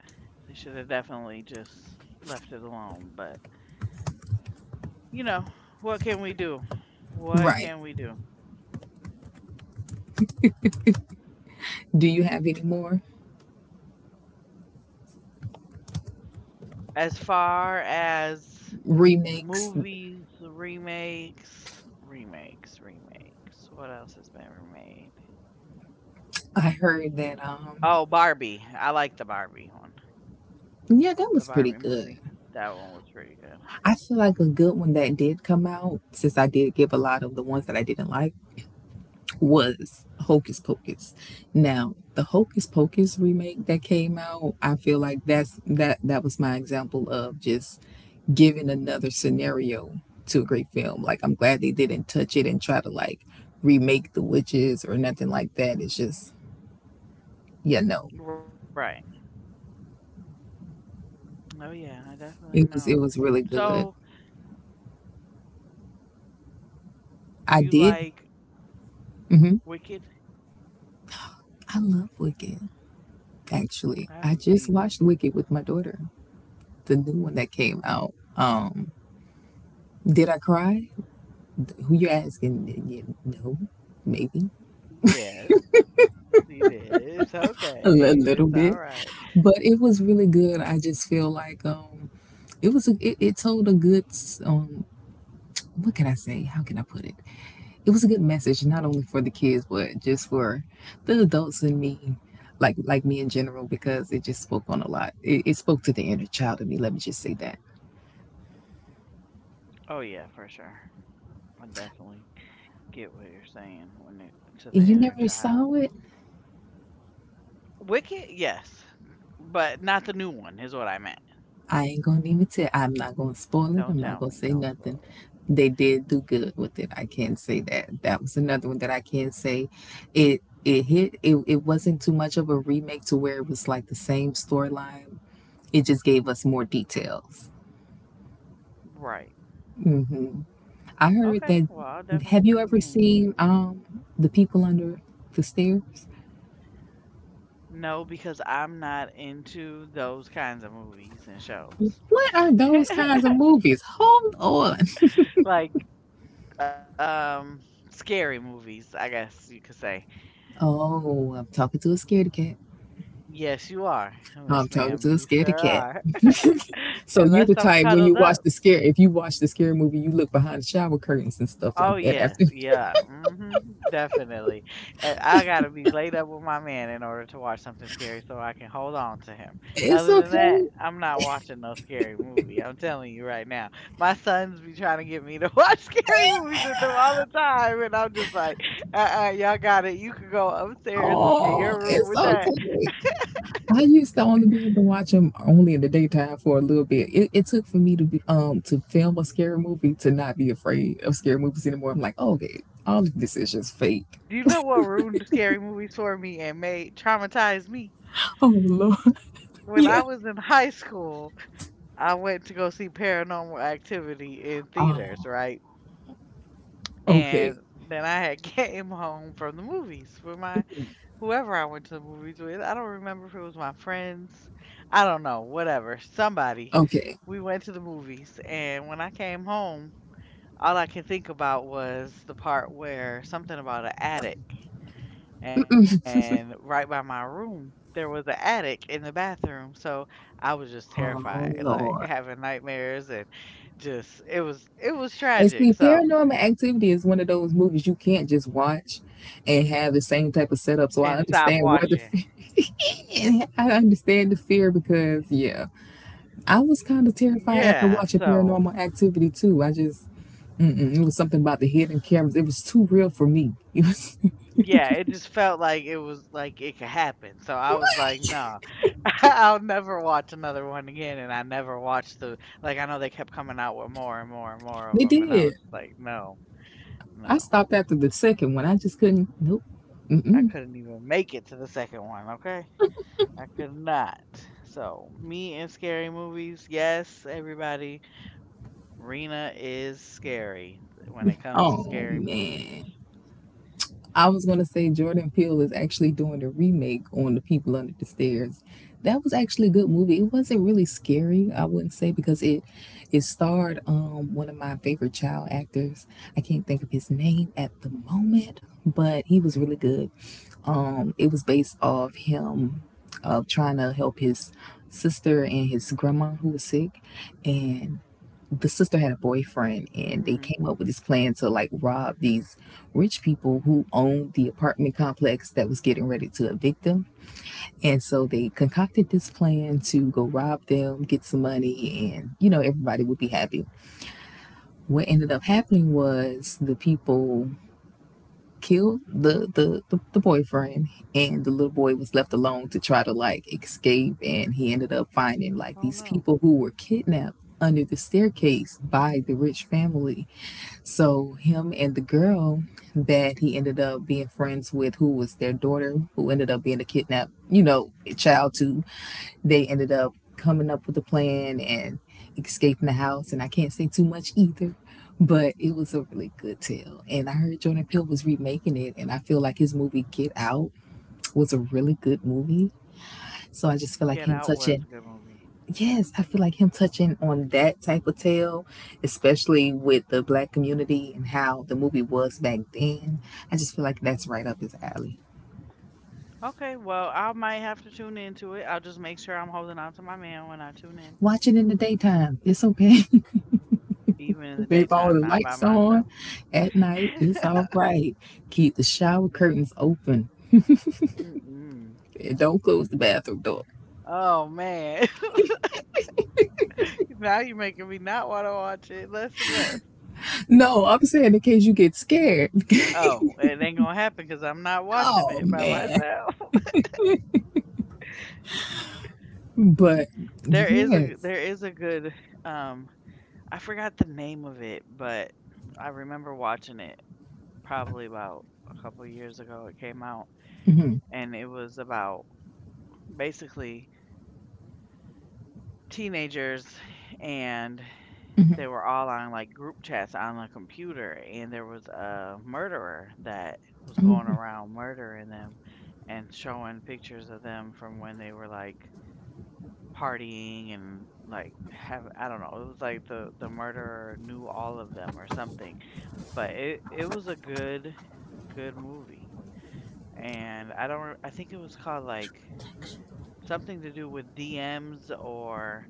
Speaker 1: They should have definitely just left it alone. But you know, what can we do? What
Speaker 2: Right.
Speaker 1: can we do?
Speaker 2: Do you have any more
Speaker 1: As far as
Speaker 2: remakes?
Speaker 1: movies, the remakes, remakes, remakes. What else has been remade?
Speaker 2: I heard that
Speaker 1: Oh, Barbie. I like the Barbie one.
Speaker 2: yeah, that
Speaker 1: The
Speaker 2: was pretty
Speaker 1: Barbie
Speaker 2: good.
Speaker 1: movie. That one was pretty good.
Speaker 2: I feel like a good one that did come out, since I did give a lot of the ones that I didn't like, was Hocus Pocus. Now, the Hocus Pocus remake that came out, I feel like that's that was my example of just giving another scenario to a great film. Like I'm glad they didn't touch it and try to like remake the witches or nothing like that. It's just yeah, no.
Speaker 1: Right. Oh yeah, I definitely know.
Speaker 2: It was really
Speaker 1: So,
Speaker 2: good.
Speaker 1: do you
Speaker 2: I did.
Speaker 1: like
Speaker 2: Hmm.
Speaker 1: Wicked?
Speaker 2: I love Wicked.
Speaker 1: I
Speaker 2: Actually, I
Speaker 1: haven't
Speaker 2: just
Speaker 1: seen it.
Speaker 2: watched Wicked with my daughter, the new one that came out. Did I cry? Who you're asking, you know, maybe
Speaker 1: Yes, it is. Okay. It's
Speaker 2: a
Speaker 1: all
Speaker 2: li-
Speaker 1: right.
Speaker 2: little bit, but it was really good. I just feel like it was a, it told a good what can I say? How can I put it? It was a good message, not only for the kids, but just for the adults and me, like me in general, because it just spoke on a lot. It spoke to the inner child of me. Let me just say that.
Speaker 1: Oh yeah, for sure. I definitely get what you're saying when it to the
Speaker 2: And you
Speaker 1: inner
Speaker 2: never
Speaker 1: child.
Speaker 2: saw it.
Speaker 1: Wicked, yes, but not the new one is what I meant.
Speaker 2: I ain't gonna even tell. I'm not gonna spoil it.
Speaker 1: Don't
Speaker 2: I'm not
Speaker 1: tell
Speaker 2: gonna
Speaker 1: me.
Speaker 2: say
Speaker 1: Don't
Speaker 2: nothing.
Speaker 1: spoil
Speaker 2: They did do good with it. I can't say that. That was another one that I can't say. It hit. It wasn't too much of a remake to where it was like the same storyline. It just gave us more details.
Speaker 1: it. Right.
Speaker 2: Hmm. I heard
Speaker 1: Okay.
Speaker 2: that.
Speaker 1: Well, I'll definitely
Speaker 2: Have you
Speaker 1: tune
Speaker 2: ever
Speaker 1: in.
Speaker 2: seen the people under the stairs?
Speaker 1: No, because I'm not into those kinds of movies and shows.
Speaker 2: What are those kinds of movies? Hold on.
Speaker 1: like um scary movies, I guess you could say.
Speaker 2: Oh, I'm talking to a scaredy cat.
Speaker 1: Yes, you are,
Speaker 2: I'm
Speaker 1: Miss
Speaker 2: talking
Speaker 1: Ma'am.
Speaker 2: to a
Speaker 1: You sure
Speaker 2: scaredy cat.
Speaker 1: are.
Speaker 2: So you the
Speaker 1: Unless I'm
Speaker 2: type, when you
Speaker 1: cuddled
Speaker 2: watch
Speaker 1: up.
Speaker 2: the scary, if you watch the scary movie, you look behind the shower curtains and stuff
Speaker 1: Oh
Speaker 2: like that.
Speaker 1: yes,
Speaker 2: After
Speaker 1: yeah, hmm definitely. And I gotta be laid up with my man in order to watch something scary, so I can hold on to him.
Speaker 2: it's
Speaker 1: Other than that,
Speaker 2: okay.
Speaker 1: I'm not watching no scary movie. I'm telling you right now, my sons be trying to get me to watch scary movies with them all the time, and I'm just like, uh-uh, y'all got it. You can go upstairs in
Speaker 2: Oh,
Speaker 1: your room
Speaker 2: it's
Speaker 1: with that.
Speaker 2: okay. I used to only be able to watch them only in the daytime for a little bit. It took for me to be to film a scary movie to not be afraid of scary movies anymore. I'm like, oh, okay, all of this is just
Speaker 1: Do you
Speaker 2: fake.
Speaker 1: know what ruined scary movies for me and made traumatize me?
Speaker 2: Oh Lord,
Speaker 1: When
Speaker 2: yeah.
Speaker 1: I was in high school, I went to go see Paranormal Activity in theaters,
Speaker 2: Oh,
Speaker 1: right?
Speaker 2: okay,
Speaker 1: And then I had came home from the movies with my whoever I went to the movies with. I don't remember if it was my friends. I don't know, whatever. Somebody.
Speaker 2: okay.
Speaker 1: We went to the movies, and when I came home, all I could think about was the part where something about an attic and right by my room there was an attic in the bathroom, so I was just terrified,
Speaker 2: Oh
Speaker 1: like
Speaker 2: Lord.
Speaker 1: having nightmares, and just it was
Speaker 2: And
Speaker 1: tragic,
Speaker 2: see,
Speaker 1: so
Speaker 2: Paranormal Activity is one of those movies you can't just watch and have the same type of
Speaker 1: and
Speaker 2: setup. So
Speaker 1: stop
Speaker 2: I understand
Speaker 1: watching.
Speaker 2: where the I understand the fear because yeah, I was kind of terrified
Speaker 1: Yeah,
Speaker 2: after watching
Speaker 1: so
Speaker 2: Paranormal Activity too. I just mm-mm, it was something about the hidden cameras. It was too real for me. It was.
Speaker 1: yeah, it just felt like it was like it could happen, so I was like, nah, I'll never watch another one again. And I never watched the like I know they kept coming out with more and more and more of
Speaker 2: They
Speaker 1: them, and I was
Speaker 2: did.
Speaker 1: like, no, no,
Speaker 2: I stopped after the second one. I just couldn't. Nope.
Speaker 1: I
Speaker 2: Mm-mm.
Speaker 1: couldn't even make it to the second one. Okay, I could not. So, me and scary movies, yes, everybody. Rena is scary when it comes to
Speaker 2: Oh
Speaker 1: scary movies.
Speaker 2: man. I was going to say Jordan Peele is actually doing a remake on The People Under the Stairs. That was actually a good movie. It wasn't really scary, I wouldn't say, because it starred one of my favorite child actors. I can't think of his name at the moment, but he was really good. It was based off him of trying to help his sister and his grandma who was sick, and the sister had a
Speaker 1: Hmm.
Speaker 2: boyfriend and they came up with this plan to like rob these rich people who owned the apartment complex that was getting ready to evict them. And so they concocted this plan to go rob them, get some money, and you know, everybody would be happy. What ended up happening was the people killed the boyfriend and the little boy was left alone to try to like escape, and he ended up
Speaker 1: Oh
Speaker 2: finding like
Speaker 1: no,
Speaker 2: these people who were kidnapped under the staircase by the rich family. So him and the girl that he ended up being friends with, who was their daughter, who ended up being a kidnapped, you know, child too. They ended up coming up with a plan and escaping the house. And I can't say too much either, but it was a really good tale. And I heard Jordan Peele was remaking it, and I feel like his movie Get Out was a really good movie. So I just feel
Speaker 1: Get
Speaker 2: like
Speaker 1: Out
Speaker 2: him
Speaker 1: was a
Speaker 2: touching
Speaker 1: good movie.
Speaker 2: yes, I feel like him touching on that type of tale, especially with the black community and how the movie was back then. I just feel like that's right up his alley.
Speaker 1: Okay, well, I might have to tune into it. I'll just make sure I'm holding on to my man when I tune in,
Speaker 2: Watch it in the daytime. It's okay.
Speaker 1: even in the
Speaker 2: Leave all the
Speaker 1: daytime, not
Speaker 2: lights
Speaker 1: by
Speaker 2: on
Speaker 1: myself.
Speaker 2: at night. It's all right. Keep the shower curtains open
Speaker 1: Mm-mm.
Speaker 2: and don't close the bathroom door.
Speaker 1: Oh man, now you're making me not want to watch it less and less.
Speaker 2: No, I'm saying in case you get scared.
Speaker 1: Oh, it ain't gonna happen because I'm not watching
Speaker 2: Oh,
Speaker 1: it by
Speaker 2: man.
Speaker 1: myself.
Speaker 2: But
Speaker 1: There is a there
Speaker 2: yes.
Speaker 1: is a good, um, I forgot the name of it, but I remember watching it probably about a couple years ago it came out,
Speaker 2: Hmm.
Speaker 1: and it was about basically teenagers, and they were all on, like, group chats on a computer, and there was a murderer that was going around murdering them and showing pictures of them from when they were, like, partying and like have I don't know, it was like the murderer knew all of them or something. But it was a good movie. And I don't re- I think it was called like something to do with DMs or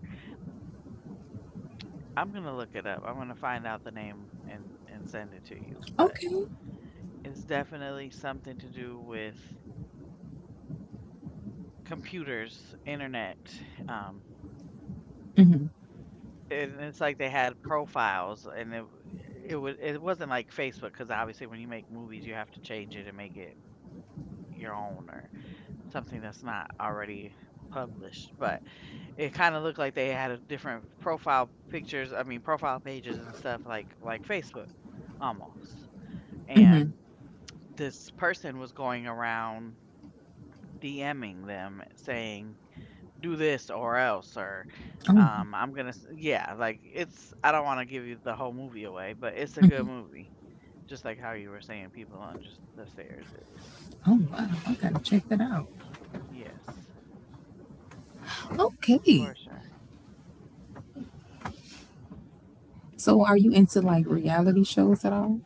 Speaker 1: I'm going to look it up. I'm going to find out the name and send it to you, but
Speaker 2: Okay.
Speaker 1: it's definitely something to do with computers, internet, um.
Speaker 2: Hmm.
Speaker 1: And it's like they had profiles, and it wasn't like Facebook because obviously when you make movies, you have to change it and make it your own or something that's not already published, but it kinda looked like they had a different profile pictures I mean, profile pages and stuff like Facebook, almost,
Speaker 2: Hmm.
Speaker 1: and this person was going around DMing them saying, do this or else, or
Speaker 2: Oh,
Speaker 1: um, yeah, like it's I don't want to give you the whole movie away, but it's a good movie, just like how you were saying People Under the Stairs is.
Speaker 2: oh, wow. I got to check that out.
Speaker 1: Yes,
Speaker 2: Okay.
Speaker 1: for sure.
Speaker 2: So are you into like reality shows at all?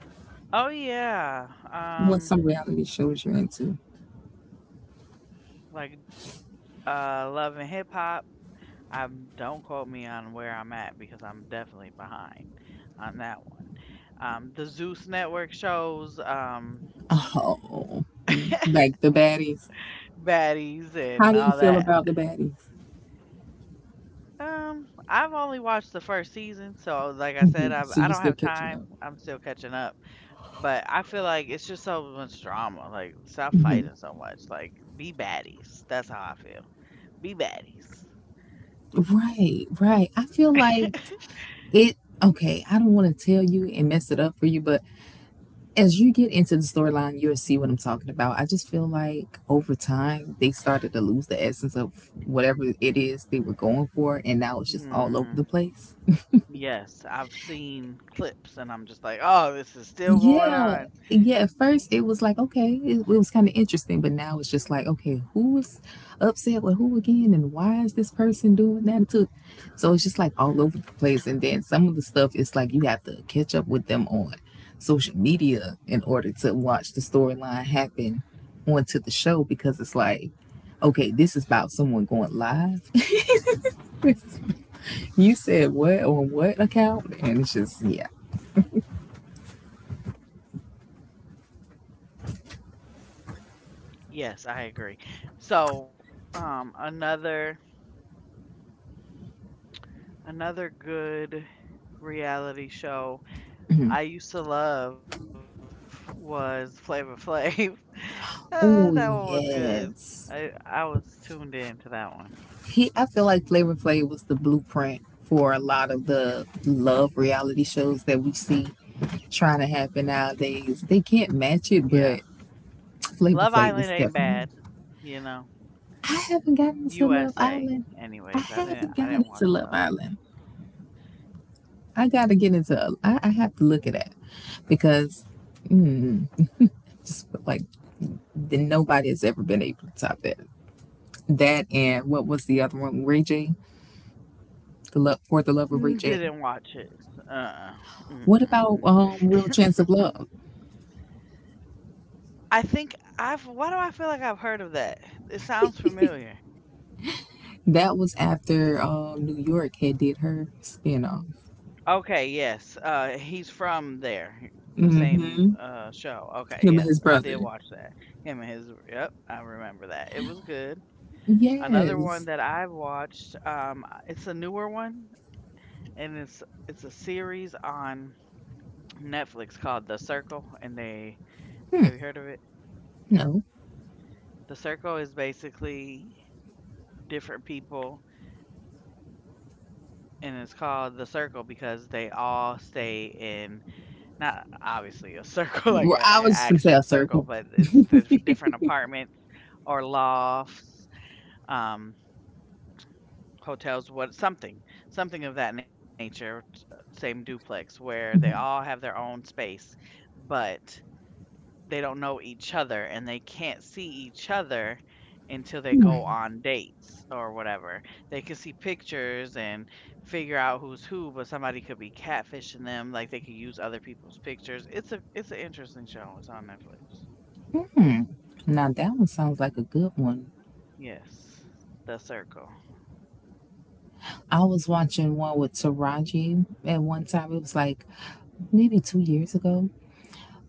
Speaker 1: Oh yeah,
Speaker 2: What's
Speaker 1: um,
Speaker 2: some reality shows you're into?
Speaker 1: like, uh, Love and Hip Hop. I don't quote me on where I'm at because I'm definitely behind on that one. Um, the Zeus Network shows, um,
Speaker 2: Oh, like the baddies.
Speaker 1: baddies
Speaker 2: How
Speaker 1: and
Speaker 2: do you
Speaker 1: all
Speaker 2: feel
Speaker 1: that.
Speaker 2: about the baddies?
Speaker 1: I've only watched the first season, so like I said, I
Speaker 2: So
Speaker 1: I
Speaker 2: you
Speaker 1: don't
Speaker 2: still
Speaker 1: have
Speaker 2: catching
Speaker 1: time.
Speaker 2: up?
Speaker 1: I'm still catching up. But I feel like it's just so much drama. Like stop
Speaker 2: Hmm.
Speaker 1: fighting so much. Like be baddies. That's how I feel. Be baddies.
Speaker 2: Right, right. I feel like it. Okay, I don't want to tell you and mess it up for you, but as you get into the storyline, you'll see what I'm talking about. I just feel like over time they started to lose the essence of whatever it is they were going for, and now it's just all over
Speaker 1: Hmm.
Speaker 2: the place.
Speaker 1: Yes, I've seen clips and I'm just like, oh, this is still going
Speaker 2: Yeah,
Speaker 1: on.
Speaker 2: yeah. At first, it was like okay, it was kind of interesting, but now it's just like okay, who is upset with who again, and why is this person doing that to? So it's just like all over the place, and then some of the stuff, it's like you have to catch up with them on social media in order to watch the storyline happen onto the show because it's like okay, this is about someone going live. You said what on what account, and it's just yeah.
Speaker 1: Yes, I agree. So, another good reality show I used to love was Flavor Flav. That one was
Speaker 2: Oh
Speaker 1: good. I
Speaker 2: yes.
Speaker 1: was tuned in to that one.
Speaker 2: He, I feel like Flavor Flav was the blueprint for a lot of the love reality shows that we see trying to happen nowadays. They can't match it,
Speaker 1: Yeah.
Speaker 2: but Flavor
Speaker 1: Love
Speaker 2: Flav
Speaker 1: Island
Speaker 2: was
Speaker 1: ain't
Speaker 2: definitely.
Speaker 1: bad, you know.
Speaker 2: I haven't gotten into Love
Speaker 1: USA
Speaker 2: Island. I
Speaker 1: anyways.
Speaker 2: haven't
Speaker 1: I
Speaker 2: gotten
Speaker 1: didn't
Speaker 2: into
Speaker 1: watch the
Speaker 2: Love
Speaker 1: other one.
Speaker 2: Island. I gotta get into. I have to look at that because just like then nobody has ever been able to top that. That and what was the other one? Ray J, the love for the love
Speaker 1: Mm,
Speaker 2: of Ray
Speaker 1: didn't
Speaker 2: J.
Speaker 1: watch it. Uh,
Speaker 2: What
Speaker 1: mm-mm.
Speaker 2: about Real Chance of Love?
Speaker 1: I think I've why do I feel like I've heard of that? It sounds familiar.
Speaker 2: That was after New York had did her spinoff.
Speaker 1: Okay, yes. Uh, he's from there. The same
Speaker 2: Mm-hmm.
Speaker 1: show. Okay,
Speaker 2: Him and
Speaker 1: yes,
Speaker 2: his
Speaker 1: I did
Speaker 2: brother.
Speaker 1: watch that. Him and his yep, I remember that. It was good. Another
Speaker 2: Yes.
Speaker 1: one that I've watched, it's a newer one, and it's a series on Netflix called The Circle, and they have you heard of it?
Speaker 2: No.
Speaker 1: The Circle is basically different people, and it's called The Circle because they all stay in not obviously a circle like an
Speaker 2: Well,
Speaker 1: actual
Speaker 2: I was
Speaker 1: circle,
Speaker 2: from
Speaker 1: but
Speaker 2: South
Speaker 1: it's
Speaker 2: Circle.
Speaker 1: the different apartment or lofts. Um, hotels, what something, something of that nature, same duplex where they all have
Speaker 2: Mhm.
Speaker 1: their own space, but they don't know each other and they can't see each other until they go on dates or whatever. They can see pictures and figure out who's who, but somebody could be catfishing them, like they could use other people's pictures. It's an interesting show. It's on Netflix.
Speaker 2: Hmm. Now that one sounds like a good one.
Speaker 1: Yes. The Circle.
Speaker 2: I was watching one with Taraji at one time. It was like maybe 2 years ago,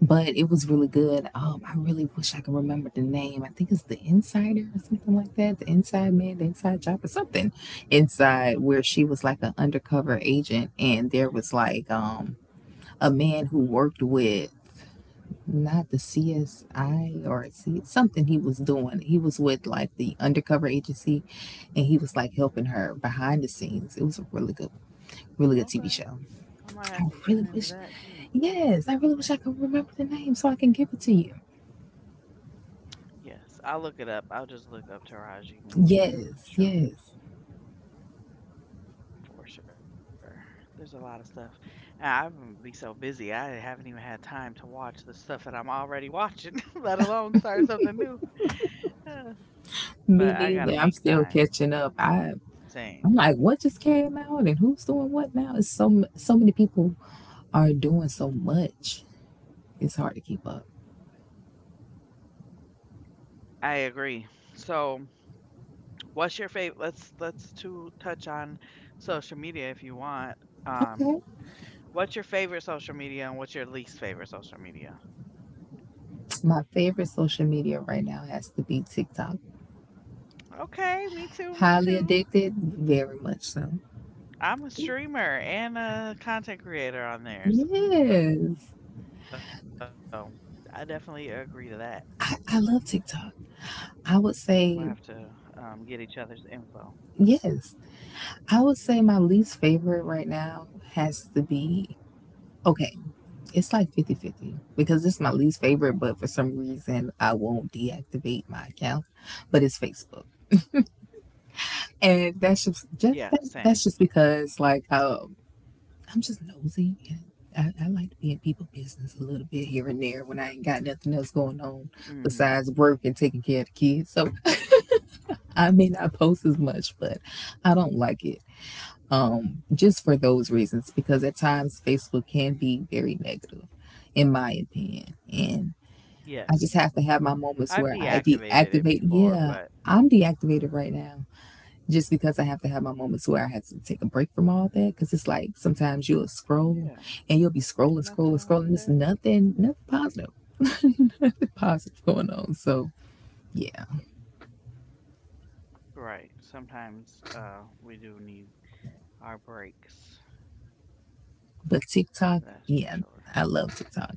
Speaker 2: but it was really good. I really wish I could remember the name. I think it's The Insider or something like that. The Inside Man, The Inside Job or something. Inside, where she was like an undercover agent and there was like a man who worked with not the CSI or C something he was doing. He was with like the undercover agency and he was like helping her behind the scenes. It was a really good really good TV
Speaker 1: Okay.
Speaker 2: show.
Speaker 1: I might
Speaker 2: I
Speaker 1: have to
Speaker 2: really
Speaker 1: tune
Speaker 2: wish
Speaker 1: into that too.
Speaker 2: yes, I really wish I could remember the name so I can give it to you.
Speaker 1: Yes, I'll look it up. I'll just look up Taraji movies and
Speaker 2: Yes, yes.
Speaker 1: shows for sure. There's a lot of stuff. And I've be so busy. I haven't even had time to watch the stuff that I'm already watching, let alone start something new. Uh,
Speaker 2: Me
Speaker 1: But I gotta
Speaker 2: neither. I'm
Speaker 1: make
Speaker 2: still
Speaker 1: time.
Speaker 2: catching up. I'm
Speaker 1: Same.
Speaker 2: like, what just came out and who's doing what now? It's so many people are doing so much. It's hard to keep up.
Speaker 1: I agree. So, what's your favorite? Let's to touch on social media if you want. Um,
Speaker 2: Okay.
Speaker 1: what's your favorite social media and what's your least favorite social media?
Speaker 2: My favorite social media right now has to be TikTok.
Speaker 1: Okay, me
Speaker 2: Highly
Speaker 1: too.
Speaker 2: addicted, very much so.
Speaker 1: I'm a streamer and a content creator on there, so I
Speaker 2: Yes.
Speaker 1: definitely agree to that.
Speaker 2: I love TikTok.
Speaker 1: We'll
Speaker 2: I
Speaker 1: have
Speaker 2: would
Speaker 1: to,
Speaker 2: say
Speaker 1: get each other's info.
Speaker 2: yes. I would say my least favorite right now has to be. Okay, it's like 50-50 because it's my least favorite, but for some reason I won't deactivate my account, but it's Facebook. And that's just,
Speaker 1: Yeah,
Speaker 2: just
Speaker 1: same.
Speaker 2: that's just because like I'm just nosy and I like to be in people business a little bit here and there when I ain't got nothing else going on
Speaker 1: Hmm.
Speaker 2: besides work and taking care of the kids. So I may not post as much, but I don't like it. Just for those reasons, because at times Facebook can be very negative, in my opinion. And.
Speaker 1: Yes,
Speaker 2: I just have to have my
Speaker 1: I've
Speaker 2: moments where I
Speaker 1: deactivated it
Speaker 2: deactivate.
Speaker 1: before, but
Speaker 2: Yeah, I'm deactivated right now just because I have to have my moments where I have to take a break from all that. Because it's like sometimes you'll
Speaker 1: yeah,
Speaker 2: scroll and you'll be
Speaker 1: ain't
Speaker 2: scrolling,
Speaker 1: nothing
Speaker 2: scrolling,
Speaker 1: wrong with
Speaker 2: scrolling.
Speaker 1: that.
Speaker 2: There's nothing, nothing positive going on. So yeah,
Speaker 1: Right. Sometimes, we do need our breaks.
Speaker 2: but TikTok,
Speaker 1: That's for
Speaker 2: yeah,
Speaker 1: sure.
Speaker 2: I love TikTok.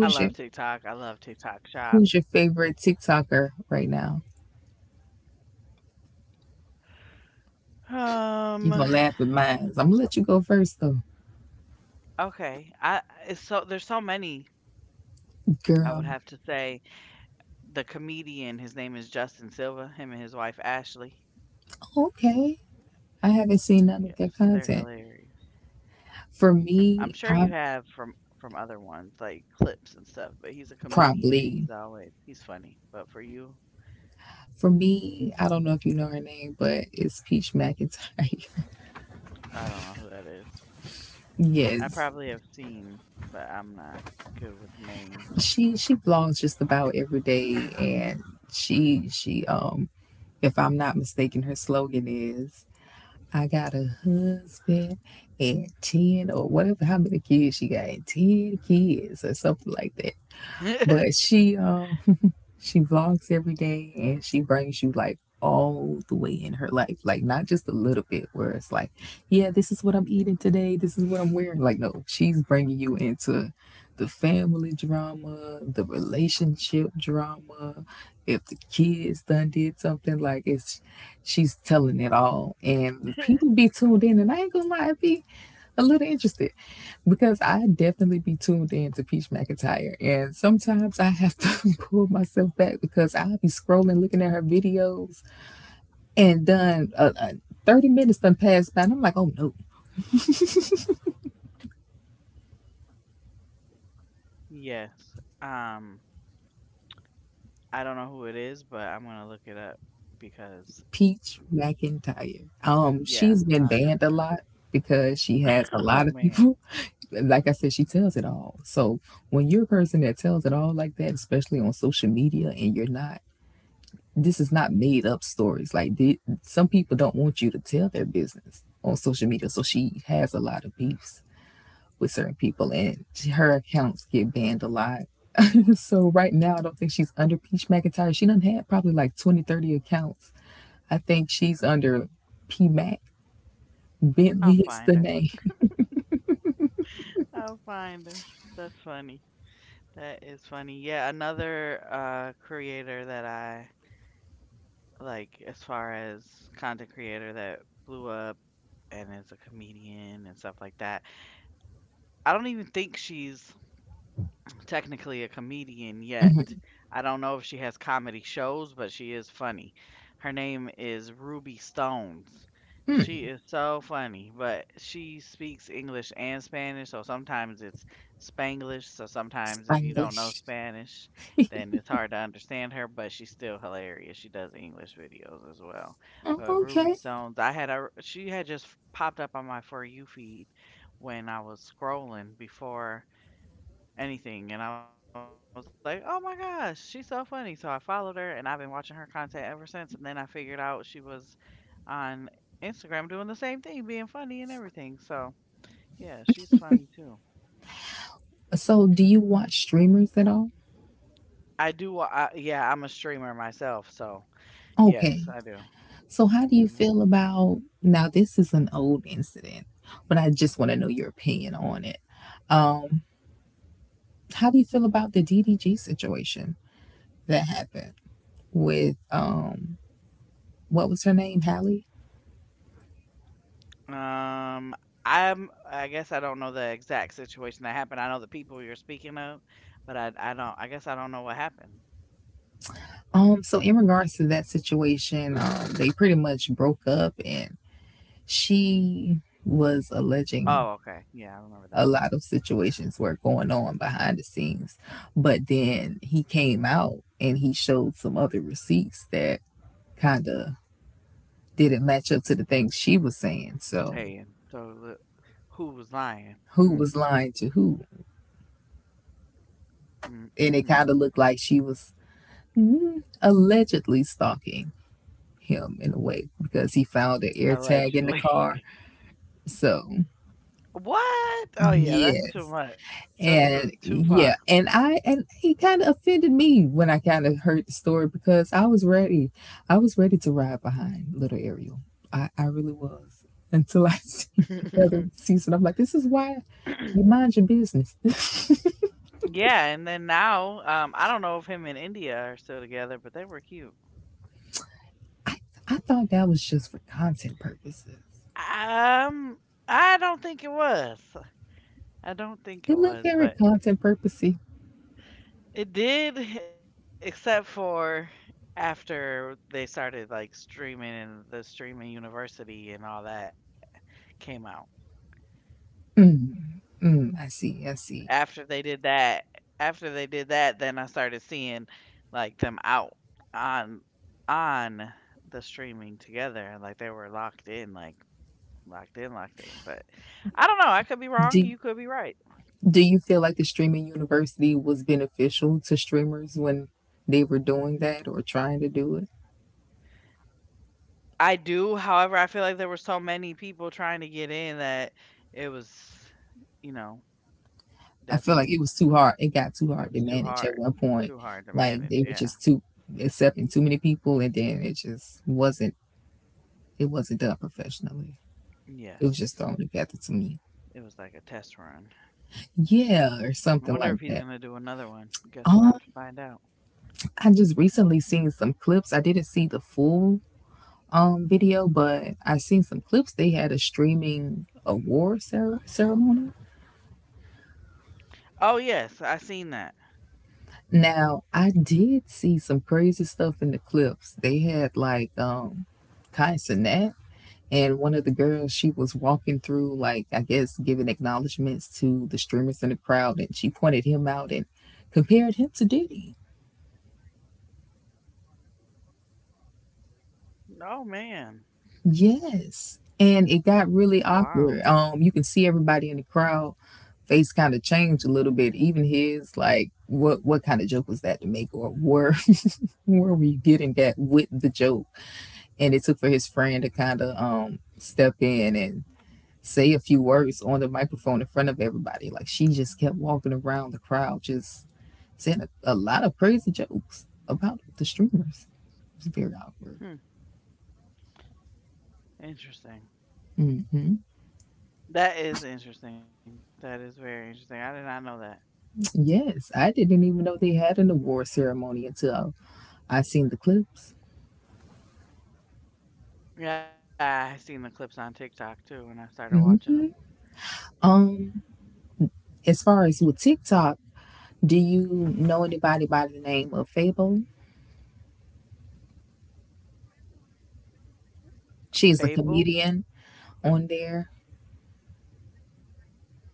Speaker 1: I
Speaker 2: your
Speaker 1: love TikTok. I love TikTok Shop.
Speaker 2: Who's your favorite TikToker right now?
Speaker 1: Um.
Speaker 2: You gonna laugh at mine, so I'm gonna let you go first though,
Speaker 1: Okay. I it's so there's so many.
Speaker 2: girl.
Speaker 1: I would have to say the comedian, his name is Justin Silva, him and his wife, Ashley.
Speaker 2: Okay, I haven't seen none of their
Speaker 1: Yes, they're
Speaker 2: content.
Speaker 1: hilarious.
Speaker 2: For
Speaker 1: I'm
Speaker 2: me,
Speaker 1: sure you
Speaker 2: I.
Speaker 1: have from other ones, like clips and stuff, but he's a comedian and
Speaker 2: Probably.
Speaker 1: he's funny. But for you,
Speaker 2: For me, I don't know if you know her name, but it's Peach McIntyre.
Speaker 1: I don't know who that is. I
Speaker 2: Yes.
Speaker 1: probably have seen, but I'm not good with names.
Speaker 2: She vlogs just about every day, and she, if I'm not mistaken, her slogan is I got a husband and 10, or whatever how many kids she got, 10 kids or something like that. But she vlogs every day, and she brings you like all the way in her life, like not just a little bit where it's like, yeah, this is what I'm eating today, this is what I'm wearing. Like, no, she's bringing you into the family drama, the relationship drama. If the kids done did something, like it's she's telling it all, and people be tuned in. And I ain't gonna lie, it be a little interested because I definitely be tuned in to Peach McIntyre. And sometimes I have to pull myself back because I'll be scrolling, looking at her videos, and done 30 minutes done passed by. And I'm like, oh no,
Speaker 1: Yes. Um, I don't know who it is, but I'm gonna look it up because
Speaker 2: Peach McIntyre.
Speaker 1: yeah,
Speaker 2: She's been
Speaker 1: I'll,
Speaker 2: banned a lot because she has a lot
Speaker 1: oh
Speaker 2: of
Speaker 1: man,
Speaker 2: people. Like I said, she tells it all. So when you're a person that tells it all like that, especially on social media, and you're not this is not made up stories. Like some people don't want you to tell their business on social media, so she has a lot of beefs with certain people, and her accounts get banned a lot. So right now, I don't think she's under Peach McIntyre. She done had probably like 20, 30 accounts. I think she's under P Mac
Speaker 1: I'll
Speaker 2: Bentley is
Speaker 1: find
Speaker 2: the
Speaker 1: her.
Speaker 2: name.
Speaker 1: I'll find her. That's funny. That is funny. Yeah, another creator that I like as far as content creator that blew up and is a comedian and stuff like that. I don't even think she's technically a comedian yet. I don't know if she has comedy shows, but she is funny. Her name is Ruby Stones. She is so funny, but she speaks English and Spanish, so sometimes it's Spanglish. So sometimes if you don't know
Speaker 2: Spanglish.
Speaker 1: Spanish, then it's hard to understand her, but she's still hilarious. She does English videos as well.
Speaker 2: Oh,
Speaker 1: But
Speaker 2: okay.
Speaker 1: Ruby Stones, she had just popped up on my For You feed when I was scrolling before anything. And I was like, "Oh my gosh, she's so funny." So I followed her and I've been watching her content ever since. And then I figured out she was on Instagram doing the same thing, being funny and everything. So, yeah, she's funny too.
Speaker 2: So, do you watch streamers at all?
Speaker 1: I do wa- I, yeah, I'm a streamer myself, so
Speaker 2: Okay.
Speaker 1: yes, I do.
Speaker 2: So, how do
Speaker 1: Hmm.
Speaker 2: you feel about now? This is an old incident, but I just want to know your opinion on it. Um, how do you feel about the DDG situation that happened with what was her name, Hallie?
Speaker 1: Um, I guess I don't know the exact situation that happened. I know the people you're speaking of, but I guess I don't know what happened.
Speaker 2: So in regards to that situation, they pretty much broke up, and she was
Speaker 1: Oh, okay.
Speaker 2: alleging
Speaker 1: Yeah, I remember
Speaker 2: a lot of situations were going on behind the scenes, but then he came out and he showed some other receipts that kind of didn't match up to the things she was saying. So
Speaker 1: saying, so the who was lying?
Speaker 2: who
Speaker 1: Hmm,
Speaker 2: was lying to who?
Speaker 1: mm,
Speaker 2: And
Speaker 1: mm,
Speaker 2: it kind
Speaker 1: mm.
Speaker 2: of looked like she was allegedly stalking him in a way because he found an air tag in the
Speaker 1: Allegedly.
Speaker 2: car. So
Speaker 1: What? Oh, yeah, that's too
Speaker 2: yes.
Speaker 1: much. This is too
Speaker 2: And
Speaker 1: far.
Speaker 2: yeah, and I and he kind of offended me when I kind of heard the story because I was ready. I was ready to ride behind little Ariel. I really was until I see the other season. I'm like, this is why you mind your business.
Speaker 1: Yeah, and then now, I don't know if him and India are still together, but they were cute.
Speaker 2: I, I thought that was just for content purposes.
Speaker 1: Um, I don't think it was.
Speaker 2: It looked very
Speaker 1: But
Speaker 2: content purposey.
Speaker 1: it did, except for after they started like streaming and the streaming university and all that came out.
Speaker 2: Hmm, I see. I see.
Speaker 1: After they did that after they did that, then I started seeing, like, them out on on the streaming together, and, like, they were locked in, like, locked in, locked in, but I don't know, I could be wrong,
Speaker 2: Do
Speaker 1: you could be right.
Speaker 2: Do you feel like the streaming university was beneficial to streamers when they were doing that or trying to do it?
Speaker 1: I do, however, I feel like there were so many people trying to get in that it was, you know,
Speaker 2: I feel like it
Speaker 1: definitely
Speaker 2: was too hard. It got too
Speaker 1: it
Speaker 2: hard
Speaker 1: was
Speaker 2: to manage at one point.
Speaker 1: too hard to
Speaker 2: Like
Speaker 1: manage,
Speaker 2: they were
Speaker 1: yeah.
Speaker 2: just too accepting too many people, and then it just wasn't. It wasn't done professionally. It was just
Speaker 1: Yes.
Speaker 2: thrown together to me.
Speaker 1: It was like a test run.
Speaker 2: Yeah, or
Speaker 1: I
Speaker 2: something
Speaker 1: wonder if
Speaker 2: like
Speaker 1: he's
Speaker 2: that.
Speaker 1: gonna do another one. Guess we'll have to find out.
Speaker 2: I just recently seen some clips. I didn't see the full video, but I seen some clips. They had a streaming ceremony.
Speaker 1: Oh yes, I seen that.
Speaker 2: Now I did see some crazy stuff in the clips. They had like Kai Sinat and one of the girls. She was walking through like I guess giving acknowledgments to the streamers in the crowd, and she pointed him out and compared him to Diddy.
Speaker 1: Oh man.
Speaker 2: Yes. And it got really
Speaker 1: Wow.
Speaker 2: awkward. You can see everybody in the crowd face kind of changed a little bit. Even his, like, what kind of joke was that to make, or where were you getting at with the joke? And it took for his friend to kind of step in and say a few words on the microphone in front of everybody. Like she just kept walking around the crowd, just saying a lot of crazy jokes about the streamers. It was very awkward.
Speaker 1: Hmm. Interesting.
Speaker 2: Hmm.
Speaker 1: That is interesting. That is very interesting. I did not know that.
Speaker 2: Yes, I didn't even know they had an award ceremony until I seen the clips.
Speaker 1: Yeah, I seen the clips on TikTok too, and I started watching them.
Speaker 2: hmm Um, As far as with TikTok, do you know anybody by the name of Fable?
Speaker 1: Fable?
Speaker 2: She's a comedian on there.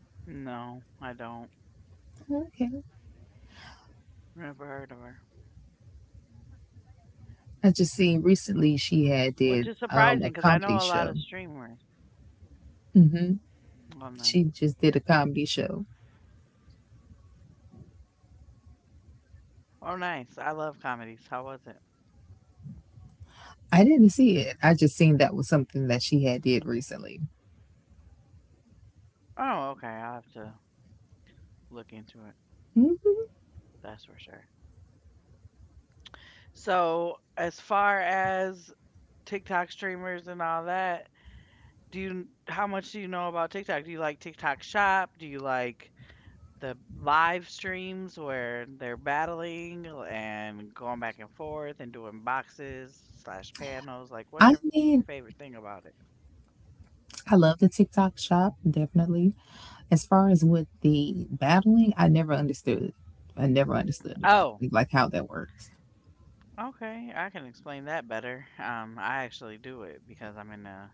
Speaker 1: No, I don't.
Speaker 2: Okay.
Speaker 1: Never heard of her.
Speaker 2: I just seen recently she had
Speaker 1: Which is
Speaker 2: did
Speaker 1: surprising
Speaker 2: a
Speaker 1: because I know
Speaker 2: comedy
Speaker 1: a lot of
Speaker 2: show.
Speaker 1: streamers.
Speaker 2: Hmm.
Speaker 1: Oh nice.
Speaker 2: She just did a comedy show.
Speaker 1: Oh nice. I love comedies. How was it?
Speaker 2: I didn't see it. I just seen that was something that she had did recently.
Speaker 1: Oh okay. I'll have to look into it.
Speaker 2: Hmm.
Speaker 1: That's for sure. So as far as TikTok streamers and all that, do you how much do you know about TikTok? Do you like TikTok Shop? Do you like the live streams where they're battling and going back and forth and doing boxes slash panels? Like,
Speaker 2: I
Speaker 1: what's your
Speaker 2: mean,
Speaker 1: favorite thing about it?
Speaker 2: I love the TikTok shop definitely. As far as with the battling, I never understood. I never understood the
Speaker 1: Oh,
Speaker 2: battling, like how that works.
Speaker 1: okay, I can explain that better. I actually do it because I'm in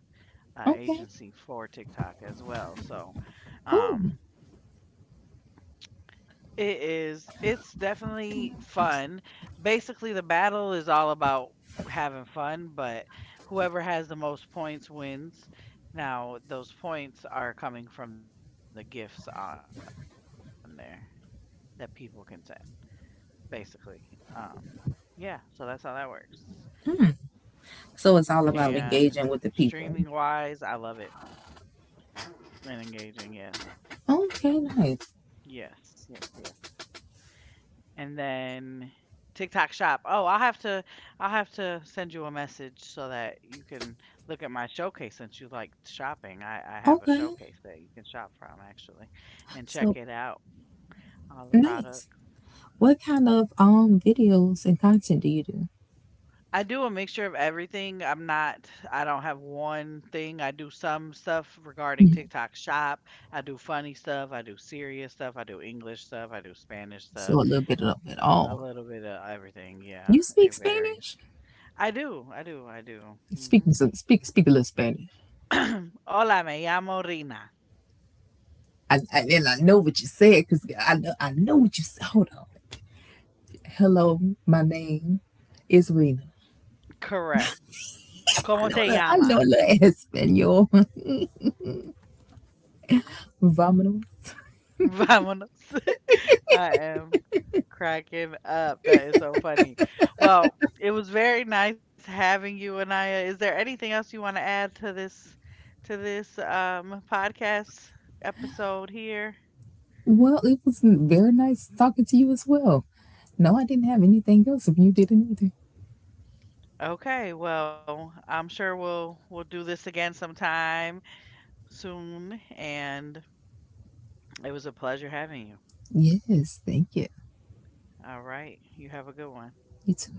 Speaker 1: a
Speaker 2: Okay,
Speaker 1: agency for TikTok as well. So,
Speaker 2: cool.
Speaker 1: um, it is. It's definitely fun. Basically, the battle is all about having fun, but whoever has the most points wins. Now, those points are coming from the gifts on there that people can send, basically. Um, yeah, so that's how that works. And
Speaker 2: So it's all about
Speaker 1: streaming
Speaker 2: engaging with the
Speaker 1: wise, I
Speaker 2: people.
Speaker 1: love it and engaging. Yes,
Speaker 2: Okay, nice.
Speaker 1: yes, yes. And then TikTok shop. Oh, I'll have to send you a message so that you can look at my showcase since you like shopping. I have a
Speaker 2: Okay.
Speaker 1: showcase that you can shop from actually and check
Speaker 2: So
Speaker 1: it out. All the product.
Speaker 2: nice. What kind of videos and content do you do?
Speaker 1: I do a mixture of everything. I don't have one thing. I do some stuff regarding TikTok shop. I do funny stuff, I do serious stuff, I do English stuff, I do Spanish stuff,
Speaker 2: So a little bit of it
Speaker 1: a
Speaker 2: all.
Speaker 1: little bit of everything, yeah.
Speaker 2: You speak
Speaker 1: It varies.
Speaker 2: Spanish?
Speaker 1: I do.
Speaker 2: Speak
Speaker 1: Mhm.
Speaker 2: me some speak a little Spanish.
Speaker 1: Hola, me llamo Rina.
Speaker 2: I and I know what you said because I know what you said. Hold on. Hello, my name is Rena.
Speaker 1: Correct. ¿Cómo te
Speaker 2: I know a
Speaker 1: llama?
Speaker 2: little Espanol. Vámonos.
Speaker 1: Vámonos. I am cracking up. That is so funny. Well, it was very nice having you, Anaya. Is there anything else you want to add to this podcast episode here?
Speaker 2: Well, it was very nice talking to you as well. No, I didn't have anything else if you didn't either.
Speaker 1: Okay, well, I'm sure we'll do this again sometime soon and it was a pleasure having you.
Speaker 2: Yes, thank you.
Speaker 1: All right. You have a good one.
Speaker 2: You too.